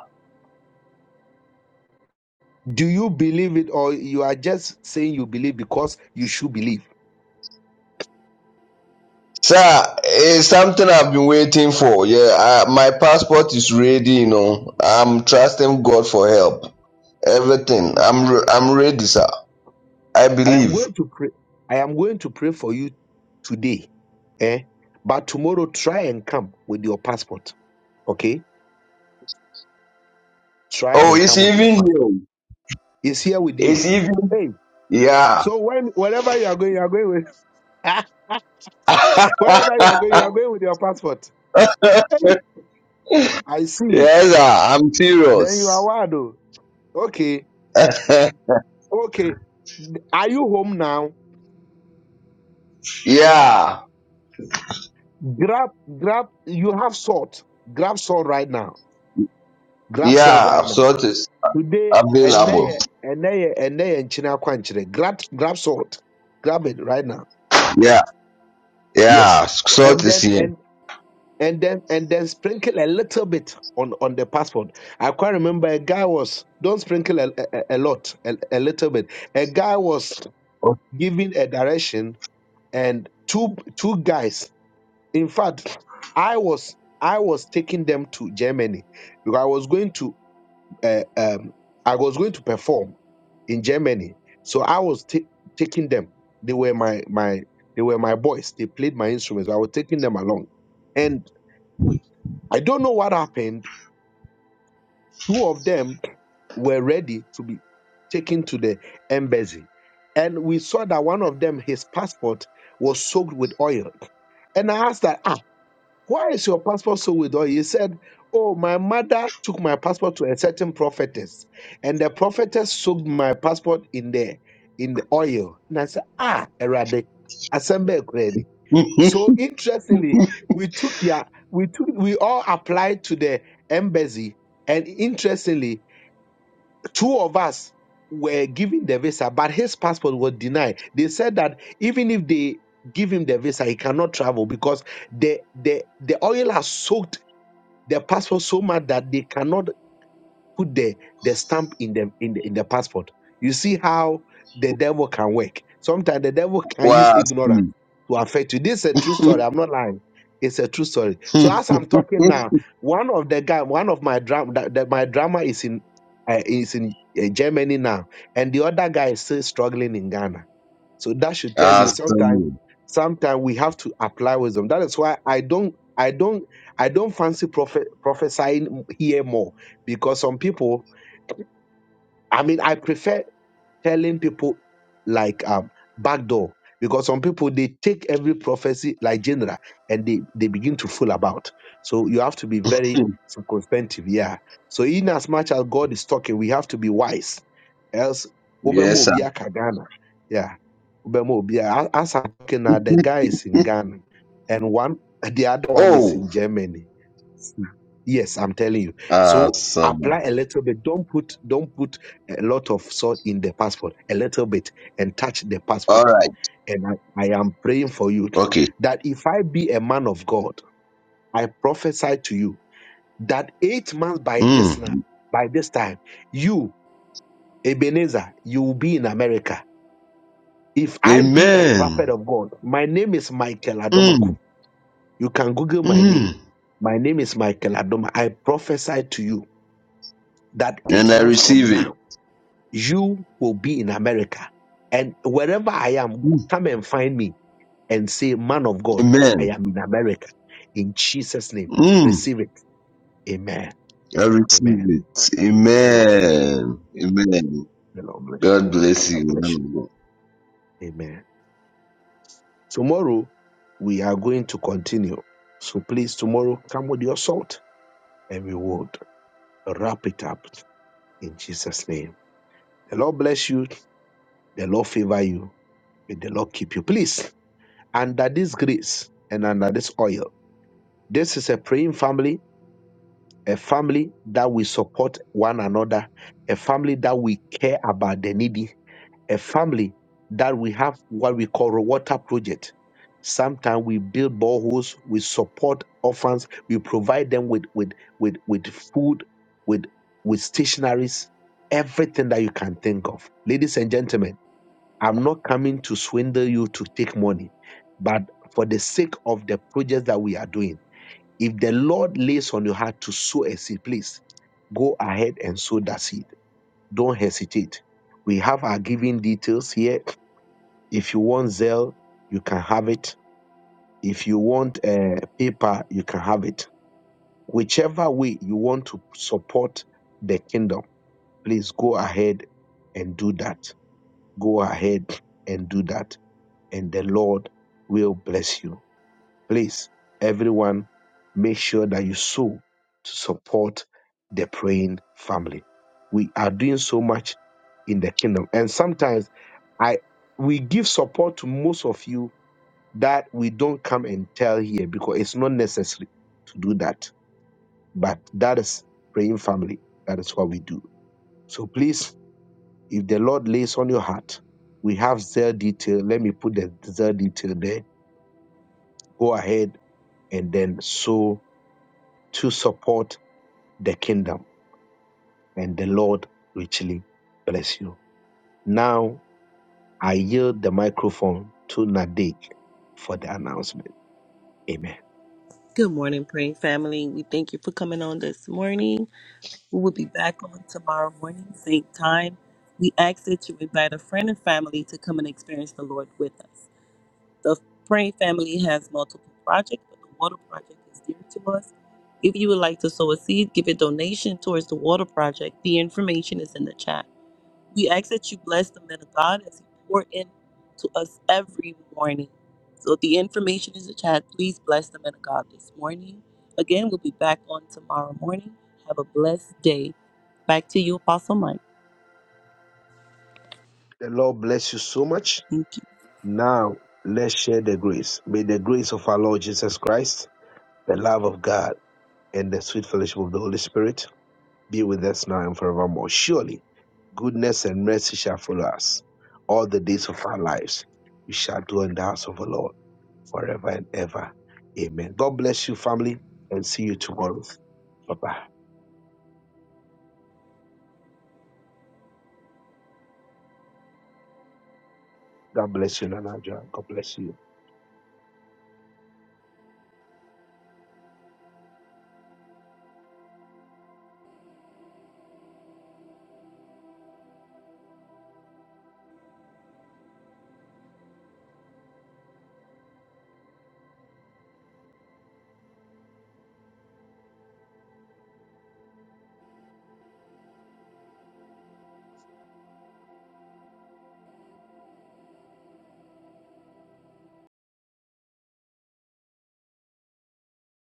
[SPEAKER 1] Do you believe it, or you are just saying you believe because you should believe?
[SPEAKER 9] Sir, it's something I've been waiting for. Yeah, I, my passport is ready. You know, I'm trusting God for help. Everything. I'm, re- I'm ready, sir. I
[SPEAKER 1] I am
[SPEAKER 9] believe.
[SPEAKER 1] going to pray. I am going to pray for you today, eh? But tomorrow, try and come with your passport, okay? Try
[SPEAKER 9] Oh,
[SPEAKER 1] and
[SPEAKER 9] it's
[SPEAKER 1] come with your
[SPEAKER 9] even
[SPEAKER 1] passport.
[SPEAKER 9] here.
[SPEAKER 1] It's here with you.
[SPEAKER 9] It's even
[SPEAKER 1] Hey,
[SPEAKER 9] Yeah.
[SPEAKER 1] so when wherever you are going, you are going with
[SPEAKER 9] yes,
[SPEAKER 1] wherever you are going, you are going with your passport. Hey, I see.
[SPEAKER 9] sir, I'm
[SPEAKER 1] Then you are
[SPEAKER 9] serious.
[SPEAKER 1] wild. oh. Okay, okay. Are you home now?
[SPEAKER 9] yeah.
[SPEAKER 1] Grab, grab. You have salt. Grab salt right now. Grab salt right
[SPEAKER 9] Yeah.
[SPEAKER 1] now.
[SPEAKER 9] Salt is
[SPEAKER 1] Today, and
[SPEAKER 9] available.
[SPEAKER 1] there, and there, and there, and China Kwanchire. Grab, grab salt. Grab it right now.
[SPEAKER 9] Yeah.
[SPEAKER 1] Yes.
[SPEAKER 9] Yeah. Salt
[SPEAKER 1] And
[SPEAKER 9] is
[SPEAKER 1] then,
[SPEAKER 9] here.
[SPEAKER 1] and and then, and then sprinkle a little bit on on the passport. I quite remember a guy was don't sprinkle a, a, a lot, a, a little bit. A guy was giving a direction, and two two guys In fact, I was I was taking them to Germany because I was going to uh, um, I was going to perform in Germany. So I was ta- taking them. They were my my they were my boys. They played my instruments. I was taking them along, and I don't know what happened. Two of them were ready to be taken to the embassy, and we saw that one of them his passport was soaked with oil. And I asked that, Why is your passport so with oil? He said, Oh, my mother took my passport to a certain prophetess, and the prophetess soaked my passport in the in the oil. And I said, Ah, erade. Assemble Ukraine. So interestingly, we took their we took we all applied to the embassy, and interestingly, two of us were given the visa, but his passport was denied. They said that even if they give him the visa, he cannot travel because the the the oil has soaked the passport so much that they cannot put the the stamp in the in the, in the passport. You see how the devil can work. Sometimes the devil can use
[SPEAKER 9] wow.
[SPEAKER 1] ignorance to affect you. This is a true story. I'm not lying. It's a true story. So as I'm talking now, one of the guy, one of my drama, that, that my drama is in uh, is in uh, Germany now, and the other guy is still struggling in Ghana so that should tell you sometimes
[SPEAKER 9] awesome.
[SPEAKER 1] sometimes we have to apply wisdom. That is why I don't I don't I don't fancy prophet, prophesying here more because some people I mean I prefer telling people like um backdoor because some people they take every prophecy like general and they they begin to fool about. So you have to be very circumspective, yeah. So in as much as God is talking, we have to be wise. Else, Obama
[SPEAKER 9] Yes,
[SPEAKER 1] will
[SPEAKER 9] sir.
[SPEAKER 1] be a Kagana. Ubemo Obia. As I'm talking now, the guy is in Ghana, and one, the other one is in
[SPEAKER 9] Oh,
[SPEAKER 1] Germany. Yes, I'm telling you. So
[SPEAKER 9] awesome.
[SPEAKER 1] apply a little bit. Don't put don't put a lot of salt in the passport. A little bit, and touch the
[SPEAKER 9] All
[SPEAKER 1] passport.
[SPEAKER 9] right.
[SPEAKER 1] And I, I am praying for you
[SPEAKER 9] Okay.
[SPEAKER 1] that if I be a man of God, I prophesy to you that eight months by this now,
[SPEAKER 9] Mm.
[SPEAKER 1] by this time, you Ebenezer, you will be in America if I be a
[SPEAKER 9] Amen.
[SPEAKER 1] prophet of God, my name is Michael
[SPEAKER 9] Mm.
[SPEAKER 1] Adomaku. You can Google my name.
[SPEAKER 9] Mm.
[SPEAKER 1] My name is Michael Adoma. I prophesy to you that
[SPEAKER 9] And
[SPEAKER 1] eight
[SPEAKER 9] I
[SPEAKER 1] months from
[SPEAKER 9] receive it.
[SPEAKER 1] now, you will be in America. And wherever I am,
[SPEAKER 9] Mm.
[SPEAKER 1] come and find me and say, Man of God, I
[SPEAKER 9] Amen.
[SPEAKER 1] am in America. In Jesus' name,
[SPEAKER 9] Mm.
[SPEAKER 1] receive it. Amen.
[SPEAKER 9] I receive
[SPEAKER 1] Amen.
[SPEAKER 9] it.
[SPEAKER 1] The Lord bless.
[SPEAKER 9] Amen. Amen.
[SPEAKER 1] The Lord bless.
[SPEAKER 9] God bless you.
[SPEAKER 1] God
[SPEAKER 9] man
[SPEAKER 1] bless
[SPEAKER 9] of
[SPEAKER 1] you.
[SPEAKER 9] God.
[SPEAKER 1] Amen. Tomorrow, we are going to continue. So please, tomorrow, come with your salt and we would wrap it up in Jesus' name. The Lord bless you. The Lord favor you. May the Lord keep you. Please, under this grace and under this oil, this is a praying family, a family that we support one another, a family that we care about the needy, a family that we have what we call a water project. Sometimes we build boreholes, we support orphans, we provide them with with with, with food, with with stationaries, everything that you can think of. Ladies and gentlemen, I'm not coming to swindle you to take money, but for the sake of the projects that we are doing, if the Lord lays on your heart to sow a seed, please go ahead and sow that seed. Don't hesitate. We have our giving details here if you want Zelle, you can have it. If you want uh, paper, you can have it. Whichever way you want to support the kingdom, please go ahead and do that. Go ahead and do that, and the Lord will bless you. Please, everyone, make sure that you sow to support the praying family. We are doing so much in the kingdom, and sometimes I we give support to most of you that we don't come and tell here because it's not necessary to do that. But that is praying family. That is what we do. So please, if the Lord lays on your heart, we have zeal detail. Let me put the zeal detail there. Go ahead and then sow to support the kingdom, and the Lord richly bless you. Now I yield the microphone to Nadik for the announcement. Amen.
[SPEAKER 10] Good morning, praying family. We thank you for coming on this morning. We will be back on tomorrow morning, same time. We ask that you invite a friend and family to come and experience the Lord with us. The praying family has multiple projects, but the water project is dear to us. If you would like to sow a seed, give a donation towards the water project. The information is in the chat. We ask that you bless the man of God as he pour in to us every morning. So the information is in the chat. Please bless the man of God this morning. Again, we'll be back on tomorrow morning. Have a blessed day. Back to you, Apostle Mike.
[SPEAKER 1] The Lord bless you so much
[SPEAKER 10] Thank you.
[SPEAKER 1] Now let's share the grace. May the grace of our Lord Jesus Christ, the love of God, and the sweet fellowship of the Holy Spirit be with us now and forevermore. Surely goodness and mercy shall follow us all the days of our lives. We shall dwell in the house of the Lord forever and ever. Amen. God bless you, family,
[SPEAKER 8] Amen.
[SPEAKER 1] and see you tomorrow. Bye bye. God bless you, Nana. Joa. God bless you.